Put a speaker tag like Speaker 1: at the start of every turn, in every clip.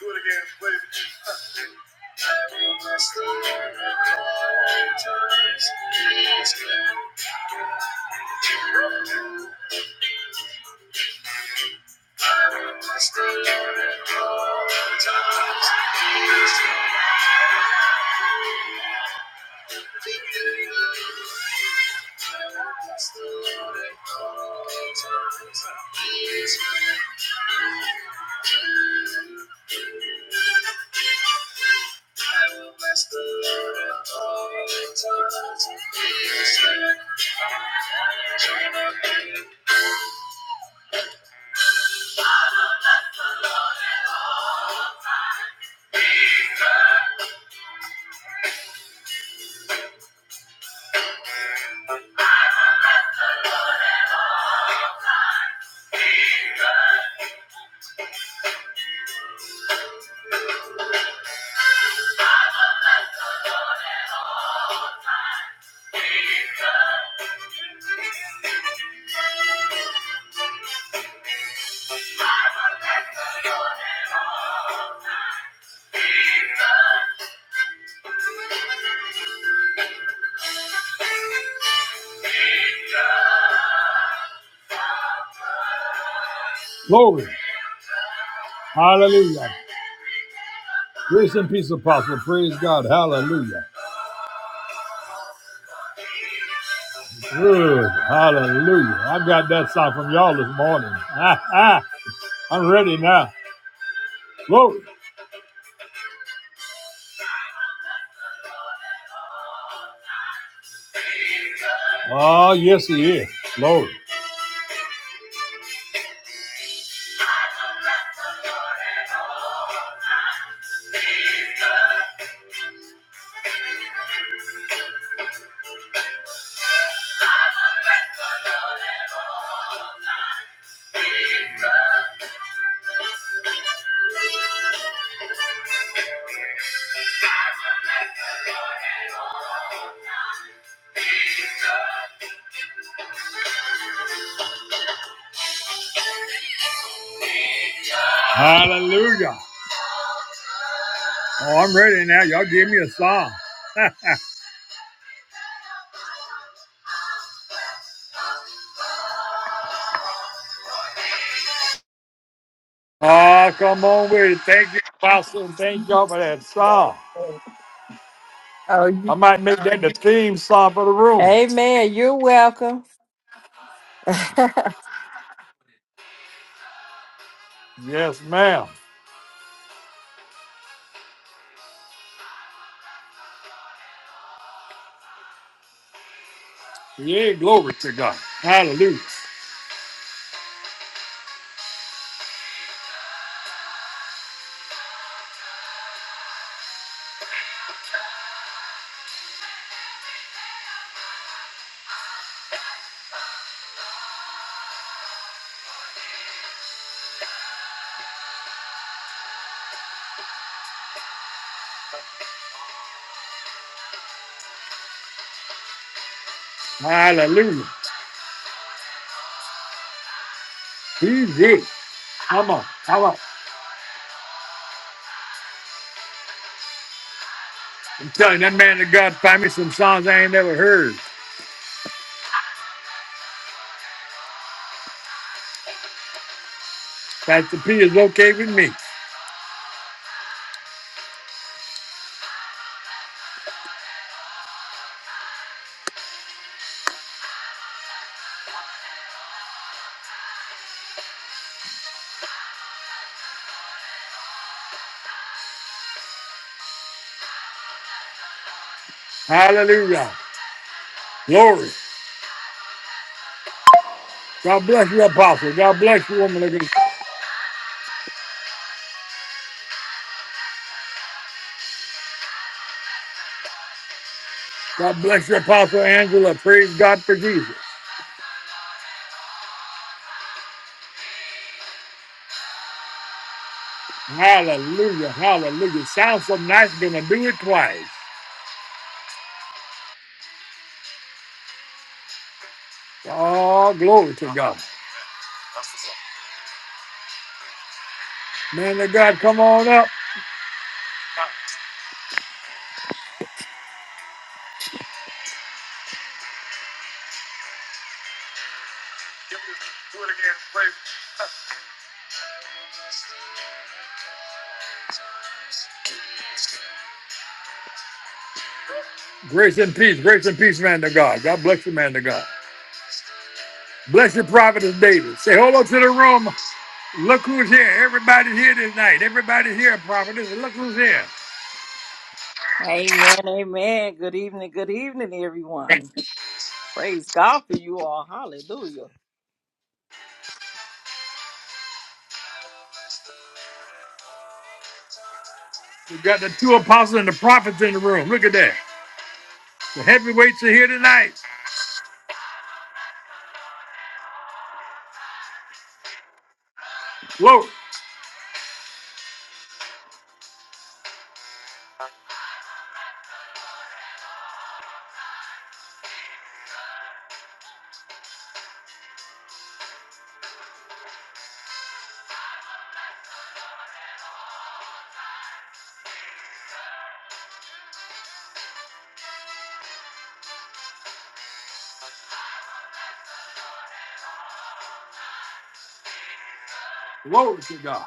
Speaker 1: Do it again, please. I will bless the Lord at all times. His praise. Glory. Hallelujah. Grace and peace, apostle. Praise God. Hallelujah. Good. Hallelujah. I got that sound from y'all this morning. I'm ready now. Glory. Oh, yes, he is. Glory. Hallelujah. Oh, I'm ready now. Y'all give me a song. Oh, come on with it. Thank you, Apostle. Thank y'all for that song.
Speaker 2: Oh,
Speaker 1: I
Speaker 2: you-
Speaker 1: might make that the theme song for the room.
Speaker 2: amen. You're welcome.
Speaker 1: Yes, ma'am. Yeah, glory to God. Hallelujah. Hallelujah. He's it. Come on. Come on. Telling that man of God, find me some songs I ain't never heard. Pastor P is okay with me. Hallelujah. Glory. God bless you, Apostle. God bless you, woman of God. God bless you, Apostle Angela. Praise God for Jesus. Hallelujah. Hallelujah. Sounds so nice, gonna do it twice. Oh, glory to God. Man of God, come on up. Grace and peace. Grace and peace, man of God. God bless you, man of God. Bless your prophetess David. Say hello to the room. Look who's here. Everybody's here tonight. Everybody's here, prophet. Listen, Look who's here.
Speaker 3: Amen, amen. Good evening, good evening, everyone.
Speaker 1: We've
Speaker 3: Praise God for you all. Hallelujah.
Speaker 1: got the two apostles and the prophets in the room. Look at that. The heavyweights are here tonight. Glory. Glory to God.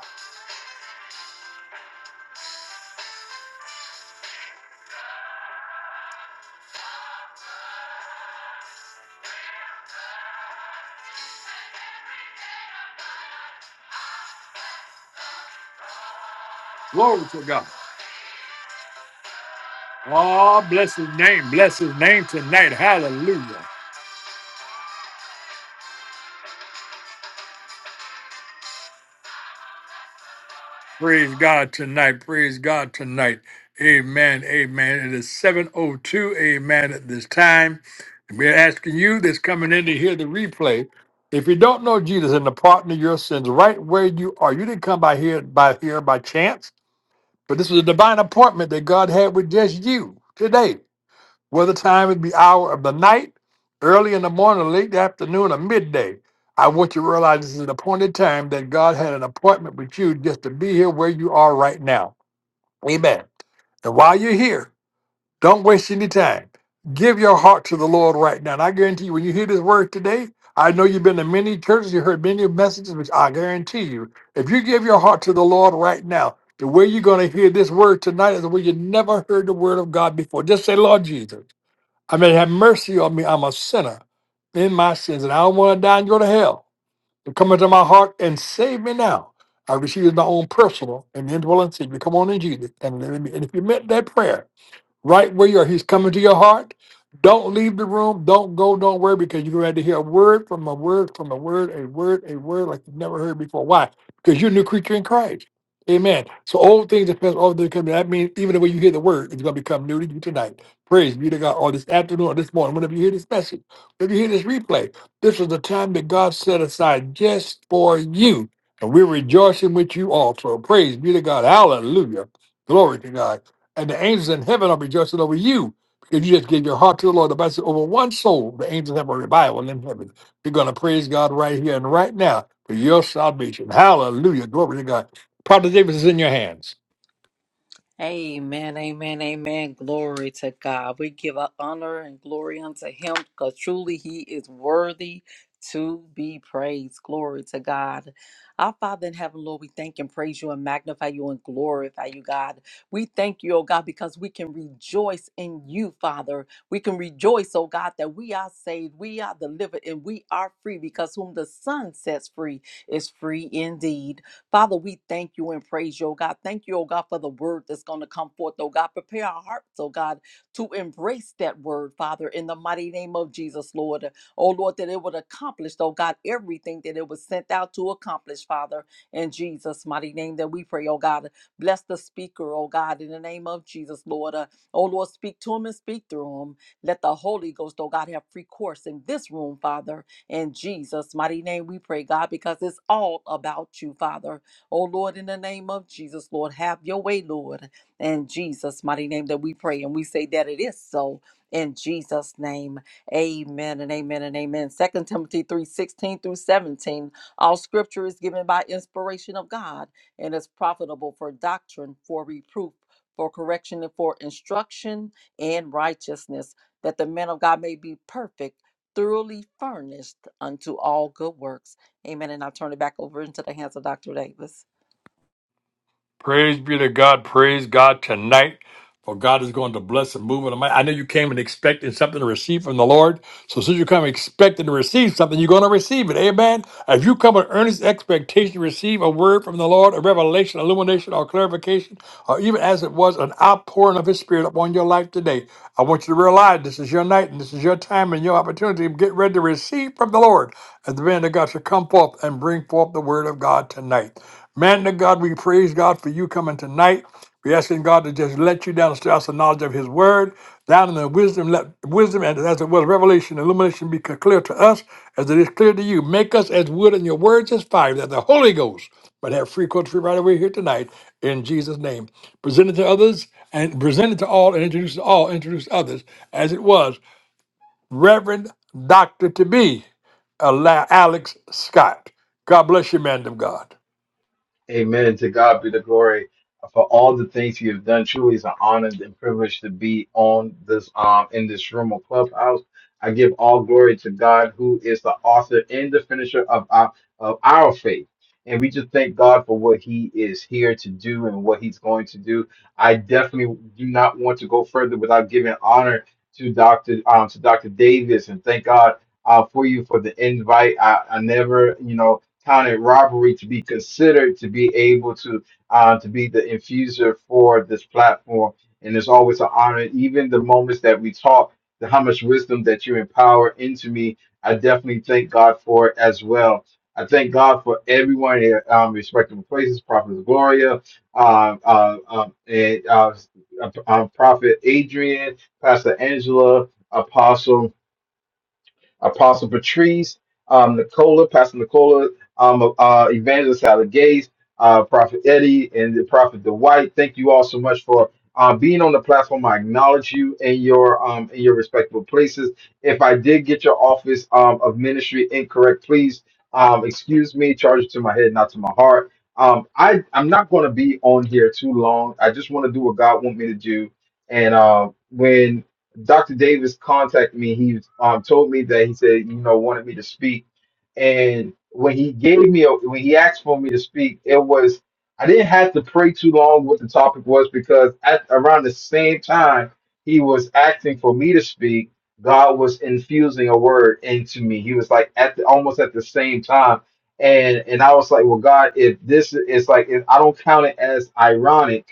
Speaker 1: Glory to God. Oh, bless his name. Bless his name tonight. Hallelujah. Praise God tonight. Praise God tonight. Amen. Amen. It is 702. Amen. At this time. We're asking you that's coming in to hear the replay. If you don't know Jesus and the pardon of your sins, right where you are, you didn't come by here by here by chance, but this was a divine appointment that God had with just you today whether time it be hour of the night, early in the morning, late afternoon, or midday. I want you to realize this is an appointed time that God had an appointment with you just to be here where you are right now. Amen. And while you're here, don't waste any time. Give your heart to the Lord right now. And I guarantee you, when you hear this word today, I know you've been to many churches, you heard many messages, which I guarantee you, if you give your heart to the Lord right now, the way you're going to hear this word tonight is the way you never heard the word of God before. Just say, Lord Jesus. I mean, have mercy on me. I'm a sinner in my sins, and I don't want to die and go to hell. To come into my heart and save me now. I receive my own personal and indwelling Savior. Come on in, Jesus, and, and if you meant that prayer, right where you are. He's coming to your heart. Don't leave the room. Don't go. Don't worry because you're going to hear a word from a word from a word, a word, a word like you've never heard before. Why? Because you're a new creature in Christ. Amen. So old things are past, all things come. That means even the way you hear the word is going to become new to you tonight. Praise be to God. Or this afternoon or this morning, whenever you hear this message, whenever you hear this replay, this is the time that God set aside just for you. And we're rejoicing with you also. Praise be to God. Hallelujah. Glory to God and the angels in heaven are rejoicing over you because you just gave your heart to the Lord. The Bible says, over one soul, the angels have a revival in heaven. you are going to praise God right here and right now for your salvation. Hallelujah. Glory to God. Prophet Davis is in your hands.
Speaker 3: Amen, amen, amen. Glory to God. We give up honor and glory unto him because truly he is worthy to be praised. Glory to God. Our Father in heaven, Lord, we thank and praise you and magnify you and glorify you, God. We thank you, oh God, because we can rejoice in you, Father. We can rejoice, oh God, that we are saved, we are delivered, and we are free because whom the Son sets free is free indeed. Father, we thank you and praise you, oh God. Thank you, oh God, for the word that's going to come forth, oh God. Prepare our hearts, oh God, to embrace that word, Father, in the mighty name of Jesus, Lord. Oh Lord, that it would accomplish, oh God, everything that it was sent out to accomplish, Father, in Jesus' mighty name that we pray, oh God. Bless the speaker, oh God, in the name of Jesus, Lord. Uh, oh Lord, speak to him and speak through him. Let the Holy Ghost, oh God, have free course in this room, Father. In Jesus' mighty name we pray, God, because it's all about you, Father. Oh Lord, in the name of Jesus, Lord, have your way, Lord. In Jesus' mighty name that we pray and we say that it is so. In Jesus' name. Amen and amen and amen. Second Timothy 3 16 through 17. All scripture is given by inspiration of God and is profitable for doctrine, for reproof, for correction, and for instruction in righteousness, that the man of God may be perfect, thoroughly furnished unto all good works. Amen. And I'll turn it back over into the hands of Dr. Davis.
Speaker 1: Praise be to God. Praise God tonight. For God is going to bless and move in the might. I know you came and expecting something to receive from the Lord. So since you come expecting to receive something, you're going to receive it. Amen. If you come with earnest expectation to receive a word from the Lord, a revelation, illumination, or clarification, or even as it was an outpouring of his spirit upon your life today, I want you to realize this is your night and this is your time and your opportunity. Get ready to receive from the Lord as the man of God shall come forth and bring forth the word of God tonight. Man to God, we praise God for you coming tonight. We're asking God to just let you down the us the knowledge of His Word, down in the wisdom, let wisdom and as it was revelation, illumination be c- clear to us as it is clear to you. Make us as wood and your words as fire, that the Holy Ghost might have free course free right away here tonight in Jesus' name. Present it to others and present it to all and introduce to all, introduce others as it was. Reverend Doctor to be Ala- Alex Scott. God bless you, man of God.
Speaker 4: Amen. To God be the glory for all the things you have done. Truly, it's an honor and privilege to be on this um in this room of clubhouse. I give all glory to God, who is the author and the finisher of our of our faith. And we just thank God for what He is here to do and what He's going to do. I definitely do not want to go further without giving honor to Doctor um to Doctor Davis and thank God uh, for you for the invite. I, I never, you know counted robbery to be considered to be able to uh, to be the infuser for this platform. And it's always an honor, even the moments that we talk, the how much wisdom that you empower into me. I definitely thank God for it as well. I thank God for everyone in um, respectable places, Prophet Gloria, um, uh, um, and uh, uh, Prophet Adrian, Pastor Angela, Apostle Apostle Patrice, um, Nicola, Pastor Nicola, um, uh, Evangelist Sally Gates, uh, Prophet Eddie, and the Prophet Dwight. Thank you all so much for uh, being on the platform. I acknowledge you in your um, in your respectable places. If I did get your office um, of ministry incorrect, please um, excuse me. Charge it to my head, not to my heart. Um, I I'm not going to be on here too long. I just want to do what God want me to do. And uh, when Dr. Davis contacted me. He um, told me that he said, you know, wanted me to speak. And when he gave me, a, when he asked for me to speak, it was, I didn't have to pray too long what the topic was because at around the same time he was asking for me to speak, God was infusing a word into me. He was like at the, almost at the same time. And, and I was like, well, God, if this is like, if I don't count it as ironic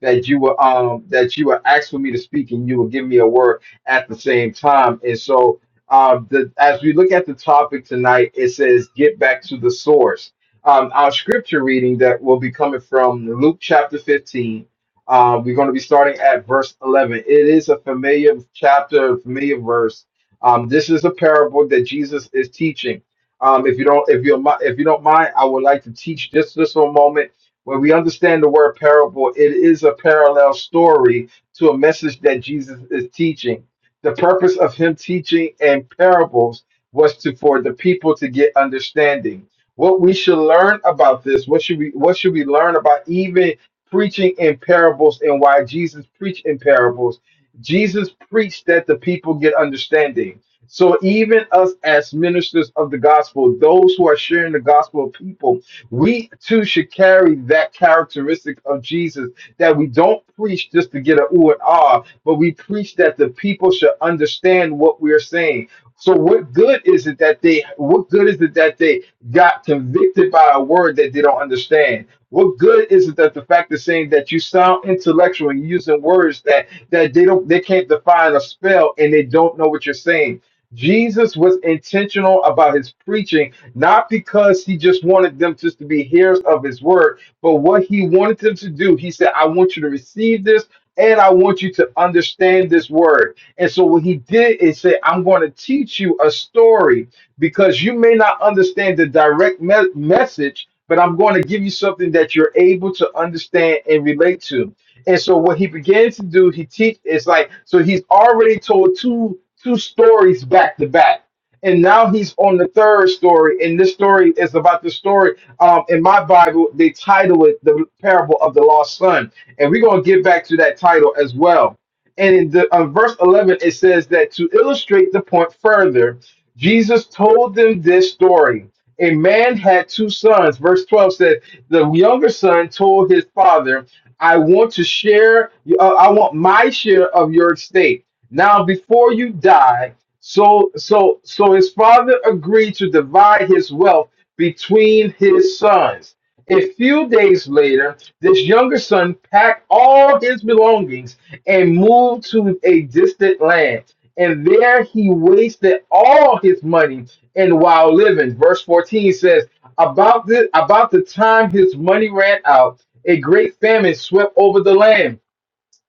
Speaker 4: that you were um that you were asked for me to speak and you will give me a word at the same time. And so um the as we look at the topic tonight, it says get back to the source. Um our scripture reading that will be coming from Luke chapter 15. Uh, we're going to be starting at verse 11. It is a familiar chapter, a familiar verse. Um, this is a parable that Jesus is teaching. Um, if you don't, if you if you don't mind, I would like to teach this just for a moment when we understand the word parable, it is a parallel story to a message that Jesus is teaching. The purpose of him teaching in parables was to for the people to get understanding. What we should learn about this, what should we what should we learn about even preaching in parables and why Jesus preached in parables? Jesus preached that the people get understanding. So even us as ministers of the gospel, those who are sharing the gospel of people, we too should carry that characteristic of Jesus that we don't preach just to get an ooh and ah, but we preach that the people should understand what we're saying. So what good is it that they what good is it that they got convicted by a word that they don't understand? What good is it that the fact is saying that you sound intellectual and using words that that they don't they can't define a spell and they don't know what you're saying? Jesus was intentional about his preaching, not because he just wanted them just to be hearers of his word, but what he wanted them to do. He said, I want you to receive this and I want you to understand this word. And so what he did is say, I'm going to teach you a story because you may not understand the direct me- message, but I'm going to give you something that you're able to understand and relate to. And so what he began to do, he teach. It's like so he's already told two two stories back to back. And now he's on the third story. And this story is about the story. Um, in my Bible, they title it the parable of the lost son. And we're going to get back to that title as well. And in the, uh, verse 11, it says that to illustrate the point further, Jesus told them this story. A man had two sons. Verse 12 said, The younger son told his father, I want to share, uh, I want my share of your estate. Now, before you die, so, so, so his father agreed to divide his wealth between his sons. A few days later, this younger son packed all his belongings and moved to a distant land. And there he wasted all his money and while living. Verse 14 says, About the about the time his money ran out, a great famine swept over the land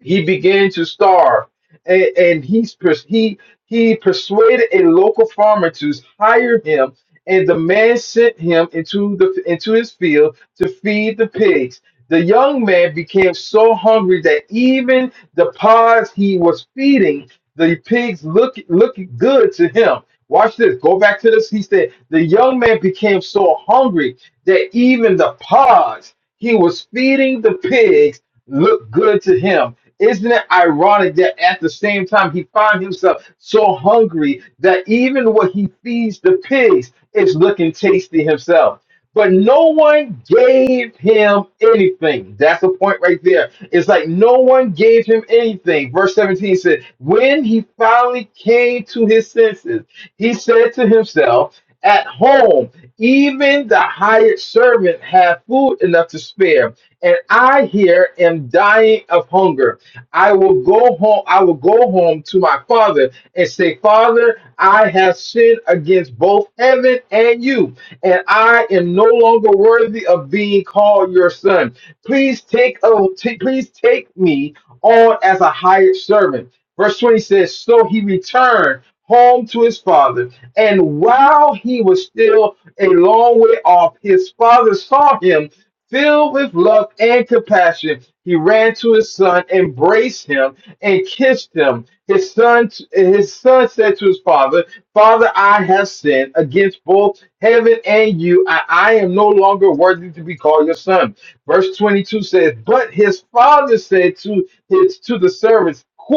Speaker 4: he began to starve and, and he's pers- he he persuaded a local farmer to hire him and the man sent him into the into his field to feed the pigs the young man became so hungry that even the pods he was feeding the pigs look look good to him watch this go back to this he said the young man became so hungry that even the pods he was feeding the pigs looked good to him. Isn't it ironic that at the same time he finds himself so hungry that even what he feeds the pigs is looking tasty himself? But no one gave him anything. That's the point right there. It's like no one gave him anything. Verse 17 said, When he finally came to his senses, he said to himself, at home, even the hired servant had food enough to spare, and I here am dying of hunger. I will go home. I will go home to my father and say, Father, I have sinned against both heaven and you, and I am no longer worthy of being called your son. Please take oh, t- please take me on as a hired servant. Verse 20 says, So he returned home to his father. And while he was still a long way off, his father saw him filled with love and compassion. He ran to his son, embraced him, and kissed him. His son, his son said to his father, Father, I have sinned against both heaven and you. I, I am no longer worthy to be called your son. Verse 22 says, But his father said to his to the servants, 'Quick.'"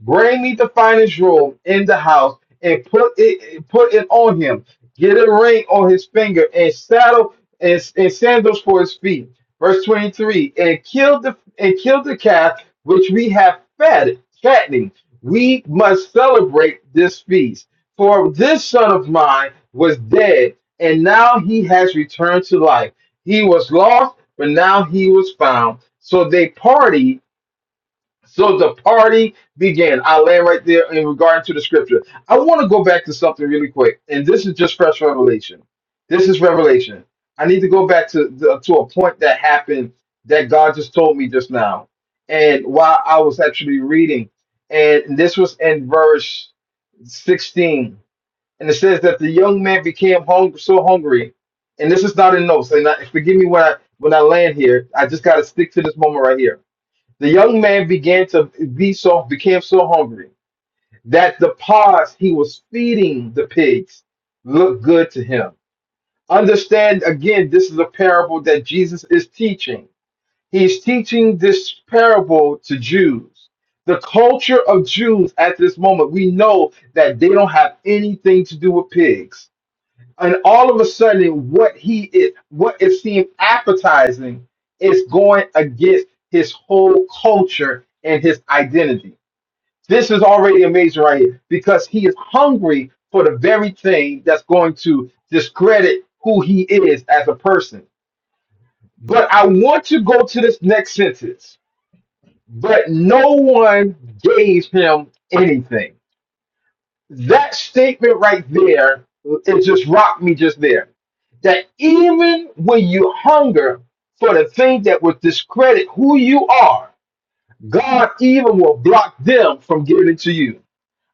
Speaker 4: Bring me the finest robe in the house and put it put it on him. Get a ring on his finger and saddle and, and sandals for his feet. Verse 23. And kill the and kill the calf which we have fed, fattening. We must celebrate this feast. For this son of mine was dead, and now he has returned to life. He was lost, but now he was found. So they partied so the party began. I land right there in regard to the scripture. I want to go back to something really quick, and this is just fresh revelation. This is revelation. I need to go back to the, to a point that happened that God just told me just now, and while I was actually reading, and this was in verse sixteen, and it says that the young man became hungry, so hungry, and this is not in notes. And I, forgive me when I when I land here. I just got to stick to this moment right here the young man began to be so became so hungry that the pods he was feeding the pigs looked good to him. Understand again, this is a parable that Jesus is teaching. He's teaching this parable to Jews. The culture of Jews at this moment, we know that they don't have anything to do with pigs and all of a sudden what he is what it seemed appetizing is going against his whole culture and his identity this is already amazing right here because he is hungry for the very thing that's going to discredit who he is as a person but i want to go to this next sentence but no one gave him anything that statement right there, it just rocked me just there. That even when you hunger for the thing that would discredit who you are, God even will block them from giving it to you.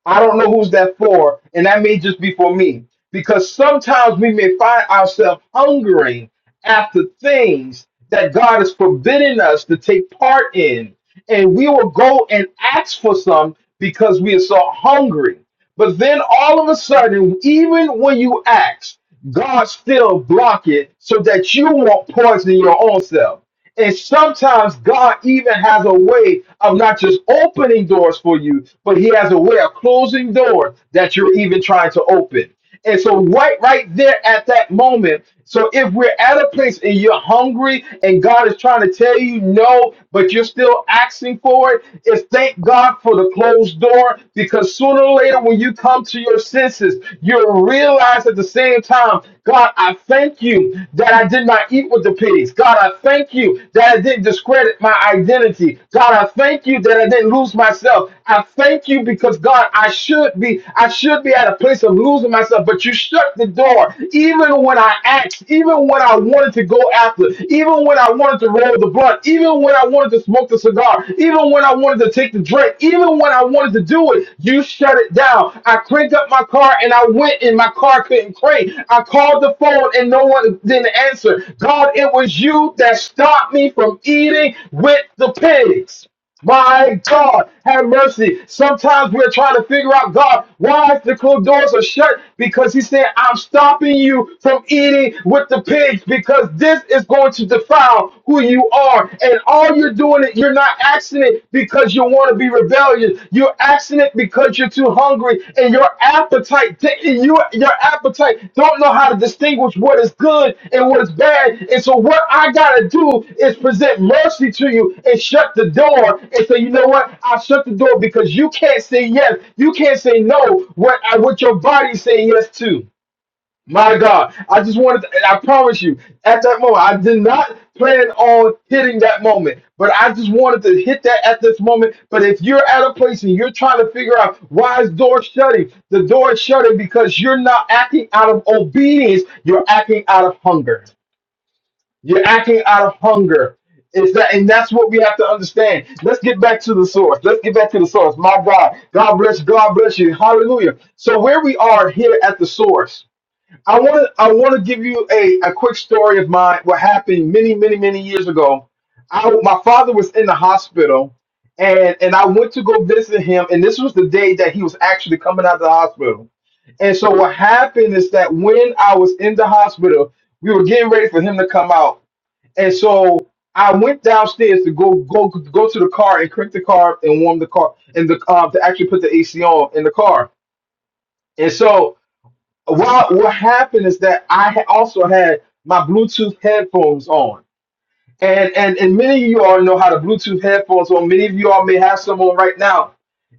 Speaker 4: I don't know who's that for, and that may just be for me. Because sometimes we may find ourselves hungering after things that God has forbidden us to take part in. And we will go and ask for some because we are so hungry. But then all of a sudden, even when you ask, God still block it so that you won't poison your own self. And sometimes God even has a way of not just opening doors for you, but He has a way of closing doors that you're even trying to open. And so, right, right there at that moment. So, if we're at a place and you're hungry and God is trying to tell you no, but you're still asking for it, is thank God for the closed door because sooner or later, when you come to your senses, you'll realize that the the same time, God, I thank you that I did not eat with the pigs. God, I thank you that I didn't discredit my identity. God, I thank you that I didn't lose myself. I thank you because God, I should be, I should be at a place of losing myself, but you shut the door. Even when I asked, even when I wanted to go after, even when I wanted to roll the blunt, even when I wanted to smoke the cigar, even when I wanted to take the drink, even when when I wanted to do it, you shut it down. I cranked up my car and I went, and my car couldn't crank. I called the phone and no one didn't answer. God, it was you that stopped me from eating with the pigs. My God, have mercy. Sometimes we're trying to figure out, God, why the closed doors are shut? Because He said, I'm stopping you from eating with the pigs because this is going to defile are who you are. And all you're doing it, you're not asking it because you want to be rebellious. You're asking it because you're too hungry and your appetite, you, your appetite don't know how to distinguish what is good and what is bad. And so what I got to do is present mercy to you and shut the door and say, you know what? I shut the door because you can't say yes. You can't say no. What, what your body's saying yes to. My God, I just wanted to, I promise you, at that moment, I did not plan on hitting that moment, but I just wanted to hit that at this moment. But if you're at a place and you're trying to figure out why is door shutting, the door is shutting because you're not acting out of obedience, you're acting out of hunger. You're acting out of hunger. It's that, and that's what we have to understand. Let's get back to the source. Let's get back to the source. My God, God bless, God bless you. Hallelujah. So where we are here at the source. I want to I want to give you a, a quick story of mine. What happened many many many years ago? I my father was in the hospital, and and I went to go visit him. And this was the day that he was actually coming out of the hospital. And so what happened is that when I was in the hospital, we were getting ready for him to come out. And so I went downstairs to go go go to the car and crank the car and warm the car and the um to actually put the AC on in the car. And so well, what happened is that I ha- also had my Bluetooth headphones on. And, and and many of you all know how to Bluetooth headphones on. Many of you all may have some on right now.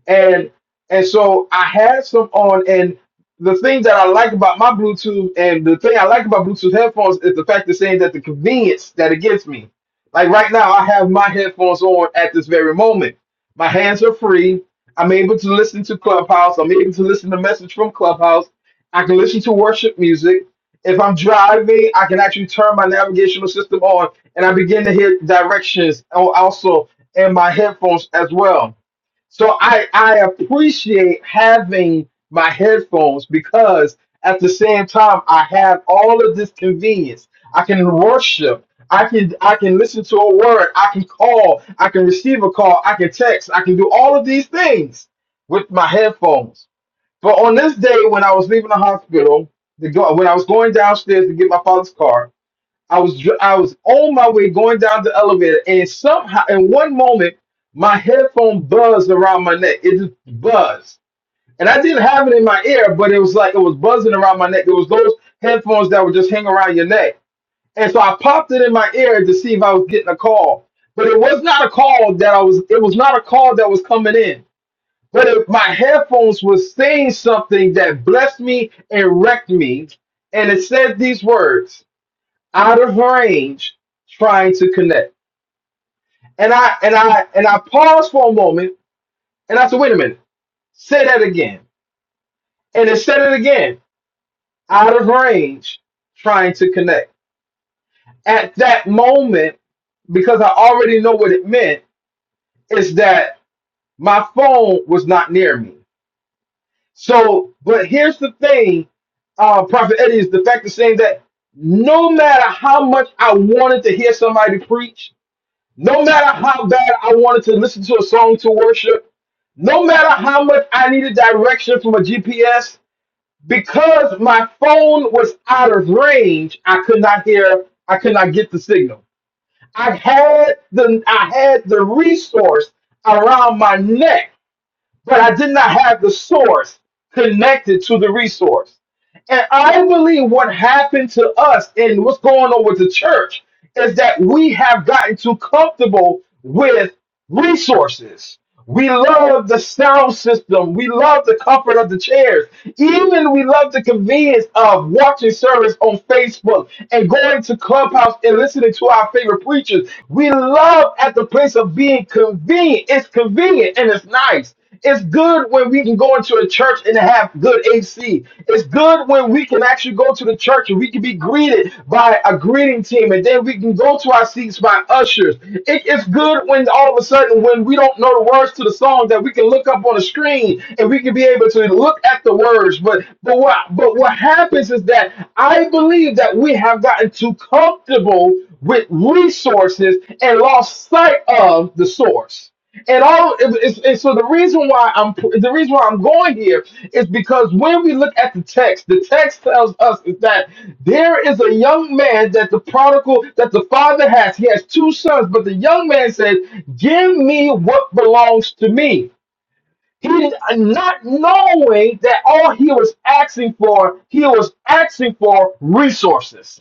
Speaker 4: And and so I had some on and the thing that I like about my Bluetooth and the thing I like about Bluetooth headphones is the fact of saying that the convenience that it gives me. Like right now I have my headphones on at this very moment. My hands are free. I'm able to listen to Clubhouse. I'm able to listen to message from Clubhouse. I can listen to worship music. If I'm driving, I can actually turn my navigational system on and I begin to hear directions al- also in my headphones as well. So I, I appreciate having my headphones because at the same time I have all of this convenience. I can worship. I can I can listen to a word. I can call. I can receive a call. I can text. I can do all of these things with my headphones. But on this day, when I was leaving the hospital, to go, when I was going downstairs to get my father's car, I was dr- I was on my way going down the elevator, and somehow, in one moment, my headphone buzzed around my neck. It just buzzed, and I didn't have it in my ear, but it was like it was buzzing around my neck. It was those headphones that would just hang around your neck, and so I popped it in my ear to see if I was getting a call. But it was not a call that I was. It was not a call that was coming in but if my headphones was saying something that blessed me and wrecked me, and it said these words, out of range, trying to connect. And I and I and I paused for a moment and I said, wait a minute, say that again. And it said it again, out of range, trying to connect. At that moment, because I already know what it meant, is that my phone was not near me. So, but here's the thing, uh, Prophet Eddie, is the fact of saying that no matter how much I wanted to hear somebody preach, no matter how bad I wanted to listen to a song to worship, no matter how much I needed direction from a GPS, because my phone was out of range, I could not hear, I could not get the signal. I had the I had the resource around my neck but I did not have the source connected to the resource. And I believe what happened to us and what's going on with the church is that we have gotten too comfortable with resources. We love the sound system. We love the comfort of the chairs. Even we love the convenience of watching service on Facebook and going to Clubhouse and listening to our favorite preachers. We love at the place of being convenient. It's convenient and it's nice. It's good when we can go into a church and have good AC. It's good when we can actually go to the church and we can be greeted by a greeting team and then we can go to our seats by ushers. It- it's good when all of a sudden, when we don't know the words to the song, that we can look up on a screen and we can be able to look at the words. But, but, what, but what happens is that I believe that we have gotten too comfortable with resources and lost sight of the source. And all it's, it's, so the reason why I'm the reason why I'm going here is because when we look at the text, the text tells us is that there is a young man that the prodigal that the father has. He has two sons, but the young man said, "Give me what belongs to me." He did not knowing that all he was asking for, he was asking for resources.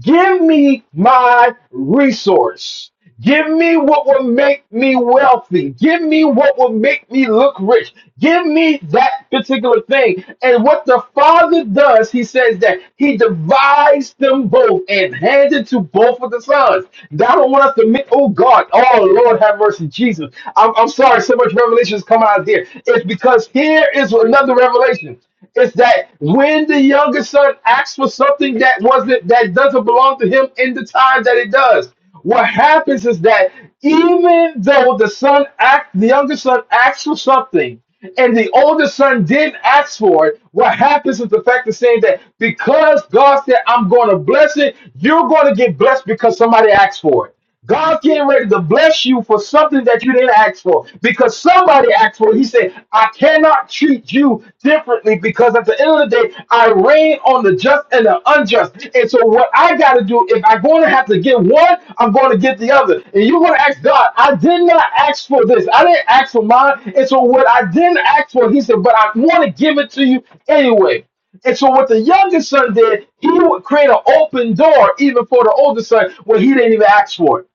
Speaker 4: Give me my resource. Give me what will make me wealthy. Give me what will make me look rich. Give me that particular thing. And what the Father does, he says that he divides them both and handed to both of the sons. Now, I don't want us to make, oh God, oh Lord, have mercy, Jesus. I'm, I'm sorry, so much revelation is coming out here. It's because here is another revelation. It's that when the younger son asks for something that wasn't that doesn't belong to him in the time that it does, what happens is that even though the son act the younger son asks for something and the older son didn't ask for it, what happens is the fact of saying that because God said, I'm gonna bless it, you're gonna get blessed because somebody asked for it. God getting ready to bless you for something that you didn't ask for because somebody asked for it. He said, I cannot treat you differently because at the end of the day, I reign on the just and the unjust. And so, what I got to do, if I'm going to have to get one, I'm going to get the other. And you're going to ask God, I did not ask for this. I didn't ask for mine. And so, what I didn't ask for, He said, but I want to give it to you anyway. And so what the youngest son did, he would create an open door even for the older son when he didn't even ask for it.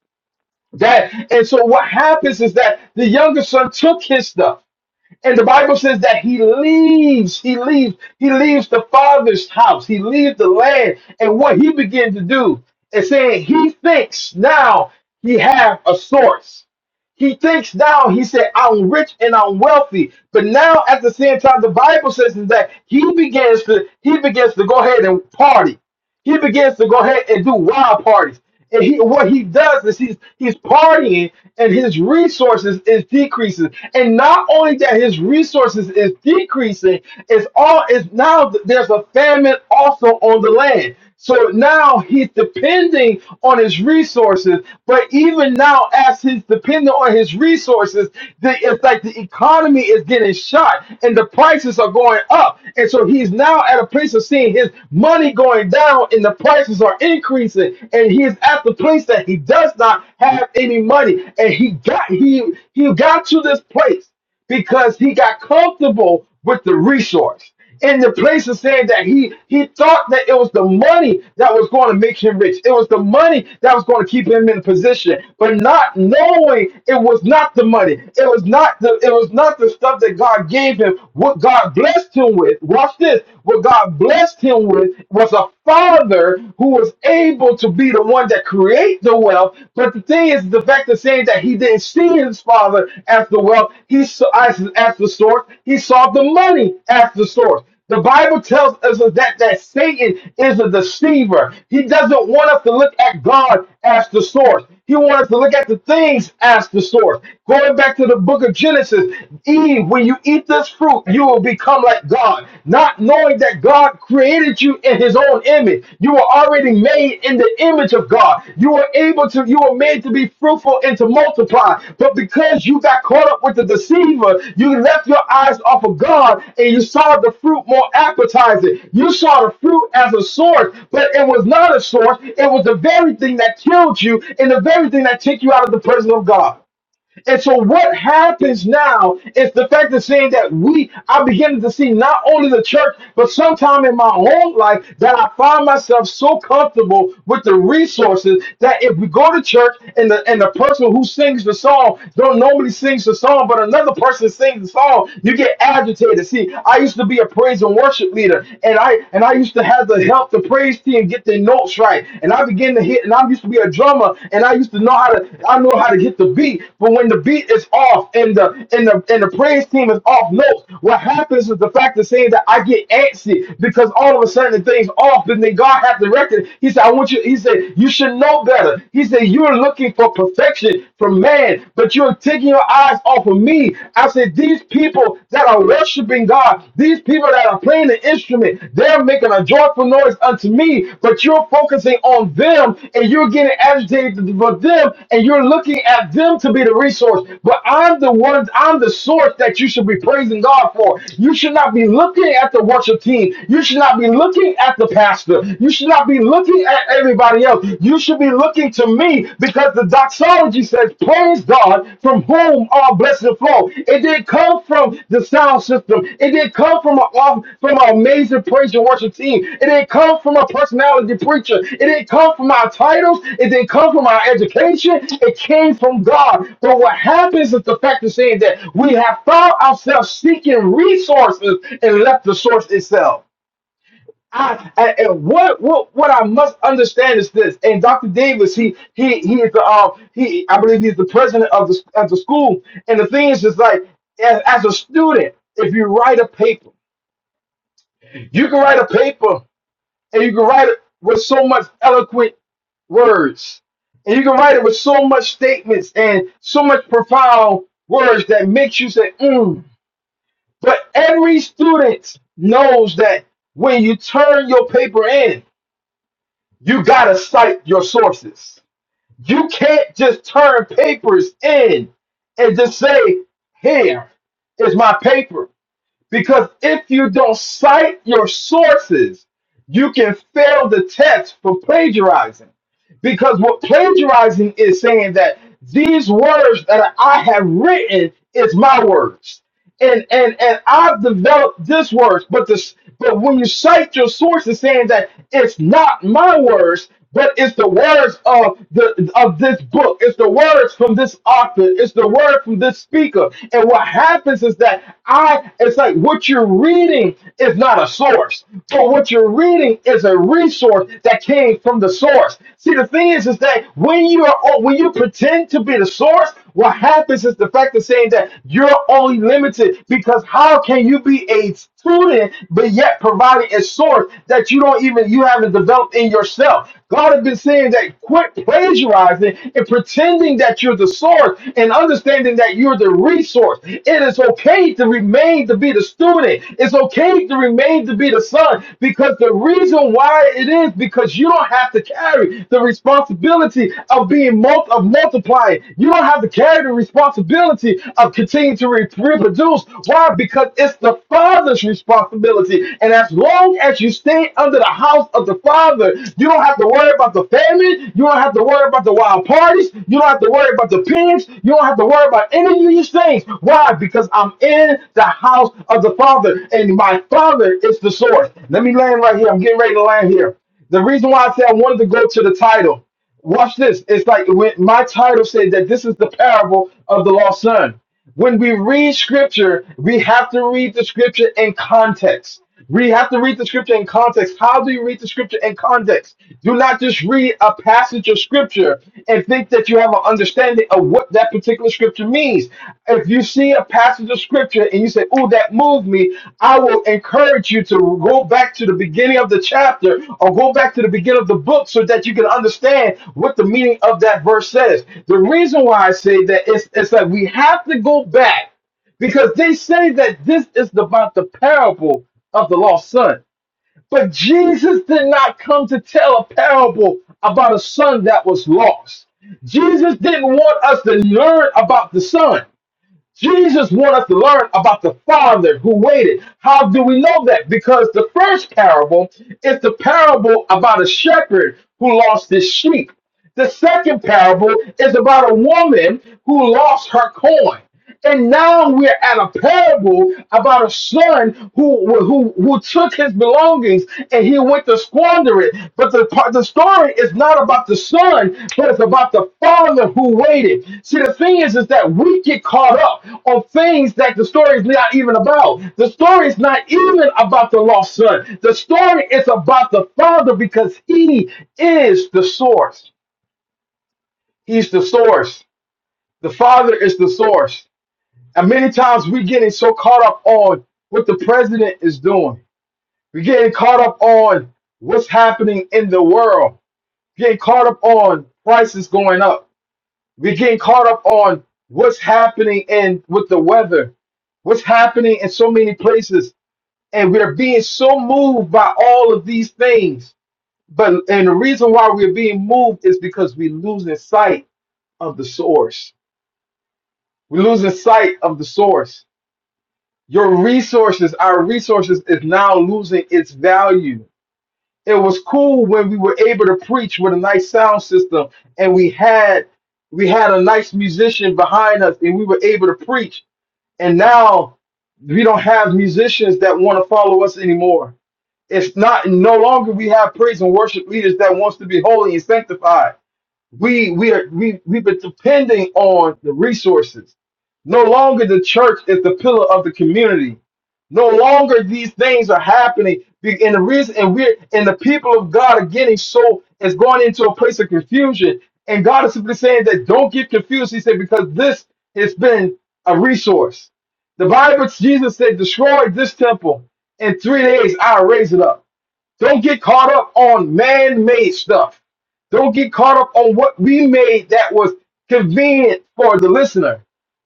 Speaker 4: That and so what happens is that the younger son took his stuff. And the Bible says that he leaves, he leaves, he leaves the father's house, he leaves the land, and what he began to do is saying he thinks now he have a source. He thinks now, he said, I'm rich and I'm wealthy. But now at the same time, the Bible says that he begins to he begins to go ahead and party. He begins to go ahead and do wild parties. And he, what he does is he's he's partying and his resources is decreasing. And not only that his resources is decreasing, it's all is now there's a famine also on the land. So now he's depending on his resources, but even now, as he's dependent on his resources, the, it's like the economy is getting shot and the prices are going up. And so he's now at a had a place of seeing his money going down and the prices are increasing, and he is at the place that he does not have any money. And he got he he got to this place because he got comfortable with the resource. In the place of saying that he he thought that it was the money that was going to make him rich. It was the money that was going to keep him in position, but not knowing it was not the money. It was not the it was not the stuff that God gave him. What God blessed him with. Watch this. What God blessed him with was a father who was able to be the one that create the wealth. But the thing is, the fact of saying that he didn't see his father as the wealth, he saw as, as the source. He saw the money as the source. The Bible tells us that, that Satan is a deceiver. He doesn't want us to look at God as the source. He wants us to look at the things as the source. Going back to the book of Genesis, Eve, when you eat this fruit, you will become like God. Not knowing that God created you in his own image. You were already made in the image of God. You were able to, you were made to be fruitful fruitful and to multiply. But because you got caught up with the deceiver, you left your eyes off of God and you saw the fruit more appetizing. You saw the fruit as a source, but it was not a source. It was the very thing that killed you and the very thing that took you out of the presence of God. And so what happens now is the fact of saying that we are beginning to see not only the church, but sometime in my own life that I find myself so comfortable with the resources that if we go to church and the and the person who sings the song don't normally sings the song, but another person sings the song, you get agitated. See, I used to be a praise and worship leader, and I and I used to have to help the praise team get get their notes right, and I begin to hit. And I used to be a drummer, and I used to know how to I know how to hit the beat. But when the beat is off, and the and the and the praise team is off notes, what happens is the fact of saying that I get antsy because all of a sudden the thing's off, and then God has directed. He said, "I want you." He said, "You should know better." He said, "You're looking for perfection from man, but you're taking your eyes off of me." I said, "These people." that are worshiping God, these people that are playing the instrument, they're making a joyful noise unto me, but you're focusing on them and you're getting agitated for them and you're looking at them to be the resource. But I'm the one, I'm the source that you should be praising God for. You should not be looking at the worship team. You should not be looking at the pastor. You should not be looking at everybody else. You should be looking to me see? Because the doxology says, Praise God, from whom all blessings flow. It didn't come from the sound system. It didn't come from a from an amazing praise and worship team. It didn't come from a personality preacher. It didn't come from our titles. It didn't come from our education. It came from God. But what happens is the fact of saying that we have found ourselves seeking resources and left the source itself. I, I- and what what what I must understand is this. And Dr. Davis, he he he is the um he I believe he's the president of the of the school. And the thing is, is like as, as a student, if you write a paper, you can write a paper and you can write it with so much eloquent words, and you can write it with so much statements and so much profound words that makes you say, mm. But every student knows that when you turn your paper in. You gotta cite your sources. You can't just turn papers in and just say, here is my paper. Because if you don't cite your sources, you can fail the test for plagiarizing. Because what plagiarizing is saying that these words that I have written is my words and and and I've developed this words, but this but when you cite your sources saying that it's not my words, but it's the words of the of this book, it's the words from this author, it's the word from this speaker. And what happens is that I it's like what you're reading is not a source, but what you're reading is a resource that came from the source. See the thing is is that when you are when you pretend to be the source, what happens is the fact of saying that you're only limited because how can you be a student but yet providing a source that you don't even you haven't developed in yourself? God has been saying that quit plagiarizing and pretending that you're the source and understanding that you're the resource. It is okay to remain to be the student. It's okay to remain to be the son because the reason why it is because you don't have to carry the responsibility of being mul- of multiplying. You don't have to carry the responsibility of continuing to re- reproduce. Why? Because it's the father's responsibility. And as long as you stay under the house of the father, you don't have to worry about the famine. You don't have to worry about the wild parties. You don't have to worry about the pigs. You don't have to worry about any these things. Why? Because I'm in the house of the Father, and my Father is the source. Let me land right here. I'm getting ready to land here. The reason why I said I wanted to go to the title, watch this. It's like when my title said that this is the parable of the lost son. When we read scripture, we have to read the scripture in context. We have to read the scripture in context. How do you read the scripture in context? Do not just read a passage of scripture and think that you have an understanding of what that particular scripture means. If you see a passage of scripture and you say, Oh, that moved me, I will encourage you to go back to the beginning of the chapter or go back to the beginning of the book so that you can understand what the meaning of that verse says. The reason why I say that is, is that we have to go back because they say that this is about the parable of the lost son. But Jesus did not come to tell a parable about a son that was lost. Jesus didn't want us to learn about the son. Jesus wanted us to learn about the father who waited. How do we know that? Because the first parable is the parable about a shepherd who lost his sheep. The second parable is about a woman who lost her coin. And now we're at a parable about a son who who who took his belongings and he went to squander it. But the part the story is not about the son, but it's about the father who waited. See, the thing is, is that we get caught up on things that the story is not even about. The story is not even about the lost son. The story is about the father because he is the source. He's the source. The Father is the source. And many times we're getting so caught up on what the president is doing. We're getting caught up on what's happening in the world. Getting caught up on prices going up. We're getting caught up on what's happening in with the weather. What's happening in so many places. And we're being so moved by all of these things. But and the reason why we're being moved is because we're losing sight of the source We're losing sight of the source. Your resources, our resources, is now losing its value. It was cool when we were able to preach with a nice sound system, and we had we had a nice musician behind us, and we were able to preach. And now we don't have musicians that want to follow us anymore. It's not no longer we have praise and worship leaders that wants to be holy and sanctified we we are we we've been depending on the resources. No longer the church is the pillar of the community. No longer these things are happening. Be- And the reason and we're and the people of God are getting so is going into a place of confusion. And God is simply saying that don't get confused. He said, because this has been a resource. The Bible, Jesus said, destroy this temple. In three days, I'll raise it up. Don't get caught up on man made stuff. Don't get caught up on what we made that was convenient for the listener.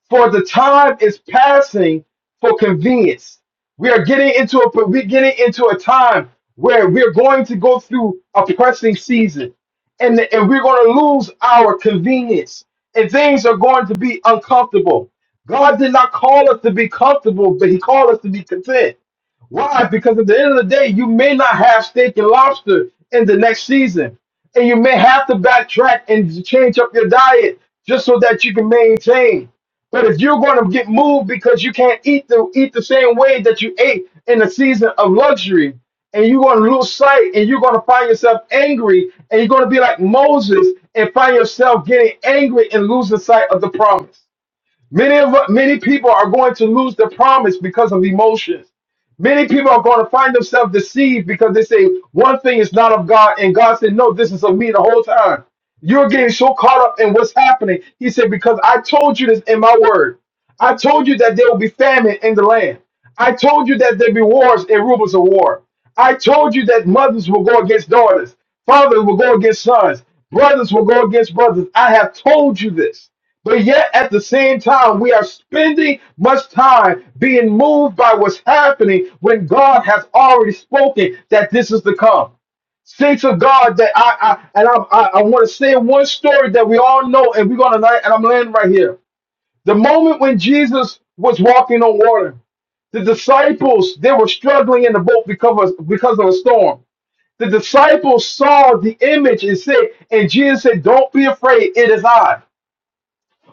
Speaker 4: For the time is passing for convenience. We are getting into a we're getting into a time where we're going to go through a pressing season and, and we're going to lose our convenience and things are going to be uncomfortable. God did not call us to be comfortable, but he called us to be content. Why? Because at the end of the day, you may not have steak and lobster in the next season. And you may have to backtrack and change up your diet just so that you can maintain. But if you're going to get moved because you can't eat the eat the same way that you ate in the season of luxury, and you're going to lose sight, and you're going to find yourself angry, and you're going to be like Moses and find yourself getting angry and losing sight of the promise. Many of many people are going to lose the promise because of emotions. Many people are going to find themselves deceived because they say one thing is not of God, and God said, "No, this is of me the whole time." You're getting so caught up in what's happening. He said, "Because I told you this in my word." I told you that there will be famine in the land. I told you that there will be wars and rumors of war. I told you that mothers will go against daughters, fathers will go against sons, brothers will go against brothers. I have told you this. But yet, at the same time, we are spending much time being moved by what's happening when God has already spoken that this is to come. Saints of God, that I, I and I, I, I want to say one story that we all know, and we're gonna, and I'm laying right here. The moment when Jesus was walking on water, the disciples they were struggling in the boat because of, because of a storm. The disciples saw the image and said, and Jesus said, "Don't be afraid. It is I."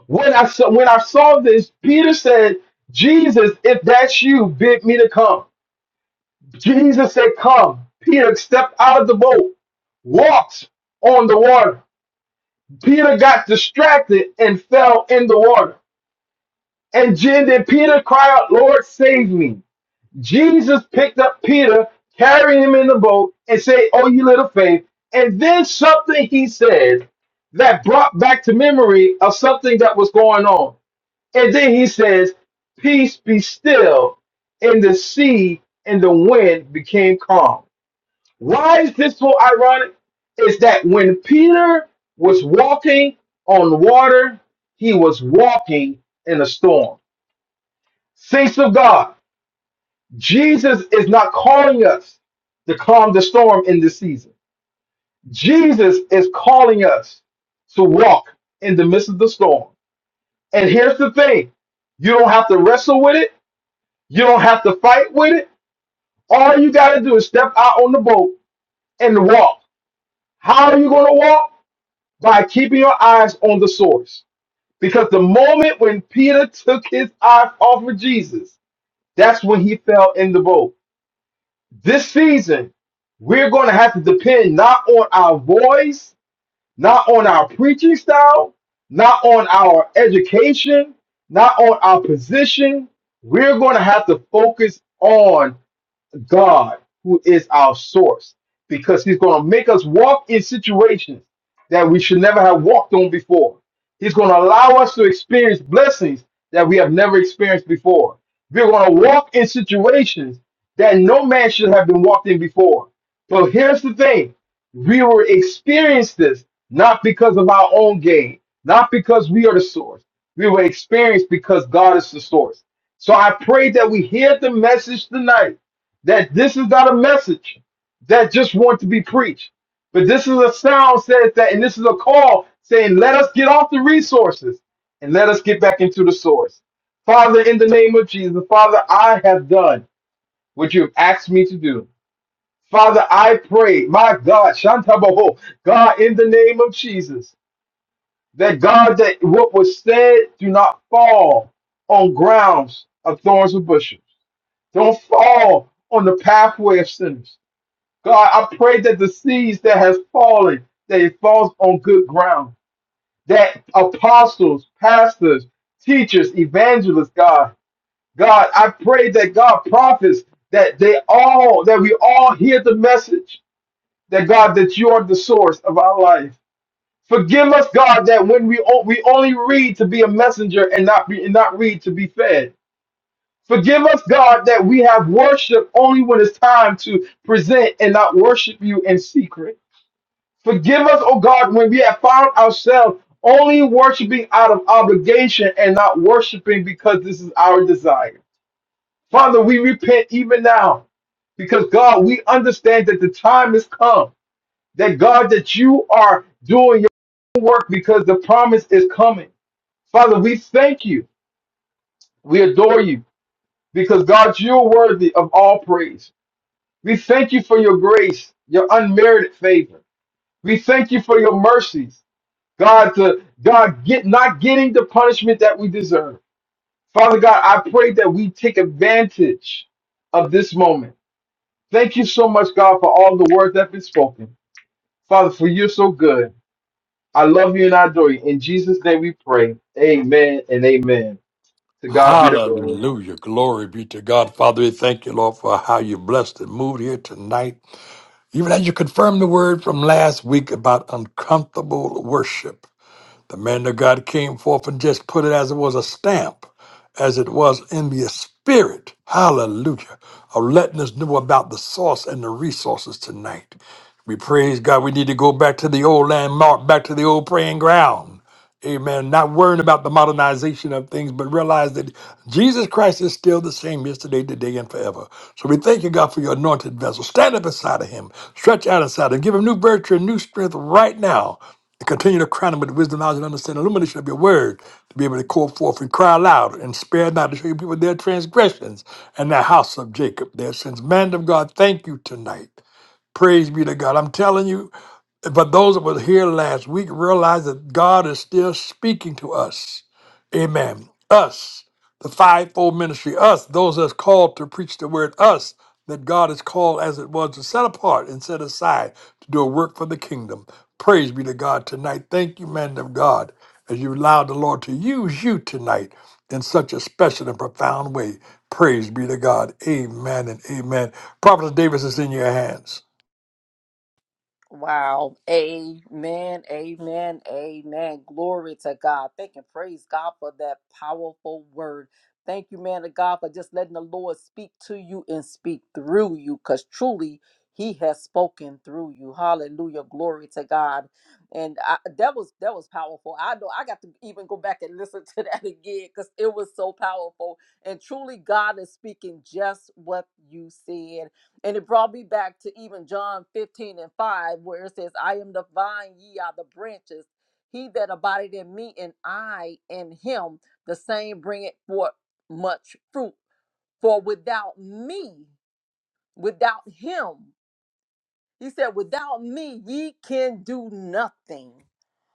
Speaker 4: When I saw, when I saw this, Peter said, "Jesus, if that's you, bid me to come." Jesus said, "Come." Peter stepped out of the boat, walked on the water. Peter got distracted and fell in the water. And then, then Peter cried out, "Lord, save me!" Jesus picked up Peter, carried him in the boat, and said, Oh, you little faith. And then something he says that brought back to memory of something that was going on. And then he says, Peace be still. And the sea and the wind became calm. Why is this so ironic? Is that when Peter was walking on water, he was walking in a storm. Saints of God, Jesus is not calling us to calm the storm in this season. Jesus is calling us to walk in the midst of the storm. And here's the thing you don't have to wrestle with it, you don't have to fight with it. All you got to do is step out on the boat and walk. How are you going to walk? By keeping your eyes on the source. Because the moment when Peter took his eyes off of Jesus, that's when he fell in the boat. This season, we're going to have to depend not on our voice, not on our preaching style, not on our education, not on our position. We're going to have to focus on God, who is our source, because He's going to make us walk in situations that we should never have walked on before. He's going to allow us to experience blessings that we have never experienced before. We're going to walk in situations that no man should have been walked in before. But here's the thing we will experience this not because of our own gain, not because we are the source. We will experience because God is the source. So I pray that we hear the message tonight that this is not a message that just wants to be preached, but this is a sound says that, and this is a call saying, let us get off the resources and let us get back into the source. Father, in the name of Jesus, Father, I have done what you have asked me to do. Father, I pray, my God, Shantabaho, God, in the name of Jesus, that God, that what was said do not fall on grounds of thorns and bushes. Don't fall on the pathway of sinners. God, I pray that the seeds that has fallen, that it falls on good ground. That apostles, pastors, teachers, evangelists, God, God, I pray that God prophets that they all that we all hear the message that God that you are the source of our life. Forgive us, God, that when we o- we only read to be a messenger and not be and not read to be fed. Forgive us, God, that we have worship only when it's time to present and not worship you in secret. Forgive us, O God, when we have found ourselves only worshiping out of obligation and not worshiping because this is our desire. Father, we repent even now because, God, we understand that the time has come, that, God, that you are doing your work because the promise is coming. Father, we thank you. We adore you because, God, you're worthy of all praise. We thank you for your grace, your unmerited favor. We thank you for your mercies. God to God get not getting the punishment that we deserve. Father God, I pray that we take advantage of this moment. Thank you so much, God, for all the words that have been spoken. Father, for you're so good. I love you and I adore you. In Jesus' name we pray. Amen and amen. To God be the glory.
Speaker 1: Hallelujah. Glory be to God. Father, we thank you, Lord, for how you blessed and moved here tonight. Even as you confirmed the word from last week about uncomfortable worship, the man of God came forth and just put it as it was a stamp, as it was in the spirit. Hallelujah. Of letting us know about the source and the resources tonight. We praise God. We need to go back to the old landmark, back to the old praying ground. Amen. Not worrying about the modernization of things, but realize that Jesus Christ is still the same yesterday, today, and forever. So we thank you, God, for your anointed vessel. Stand up inside of him, stretch out inside of him, give him new virtue and new strength right now. And continue to crown him with wisdom, knowledge, and understanding, illumination of your word, to be able to call forth and cry aloud and spare not to show your people their transgressions and the house of Jacob, their sins. Man of God, thank you tonight. Praise be to God. I'm telling you. But those that were here last week realize that God is still speaking to us. Amen. Us, the fivefold ministry, us, those that's called to preach the word, us, that God is called as it was to set apart and set aside to do a work for the kingdom. Praise be to God tonight. Thank you, man of God, as you allowed the Lord to use you tonight in such a special and profound way. Praise be to God. Amen and amen. Prophet Davis is in your hands.
Speaker 3: Wow. Amen. Amen. Amen. Glory to God. Thank and praise God for that powerful word. Thank you, man of God, for just letting the Lord speak to you and speak through you because truly he has spoken through you. Hallelujah. Glory to God. And I, that was that was powerful. I know I got to even go back and listen to that again because it was so powerful. And truly God is speaking just what you said. And it brought me back to even John 15 and 5, where it says, I am the vine, ye are the branches. He that abideth in me and I in him, the same bringeth forth much fruit. For without me, without him, he said, without me, ye can do nothing.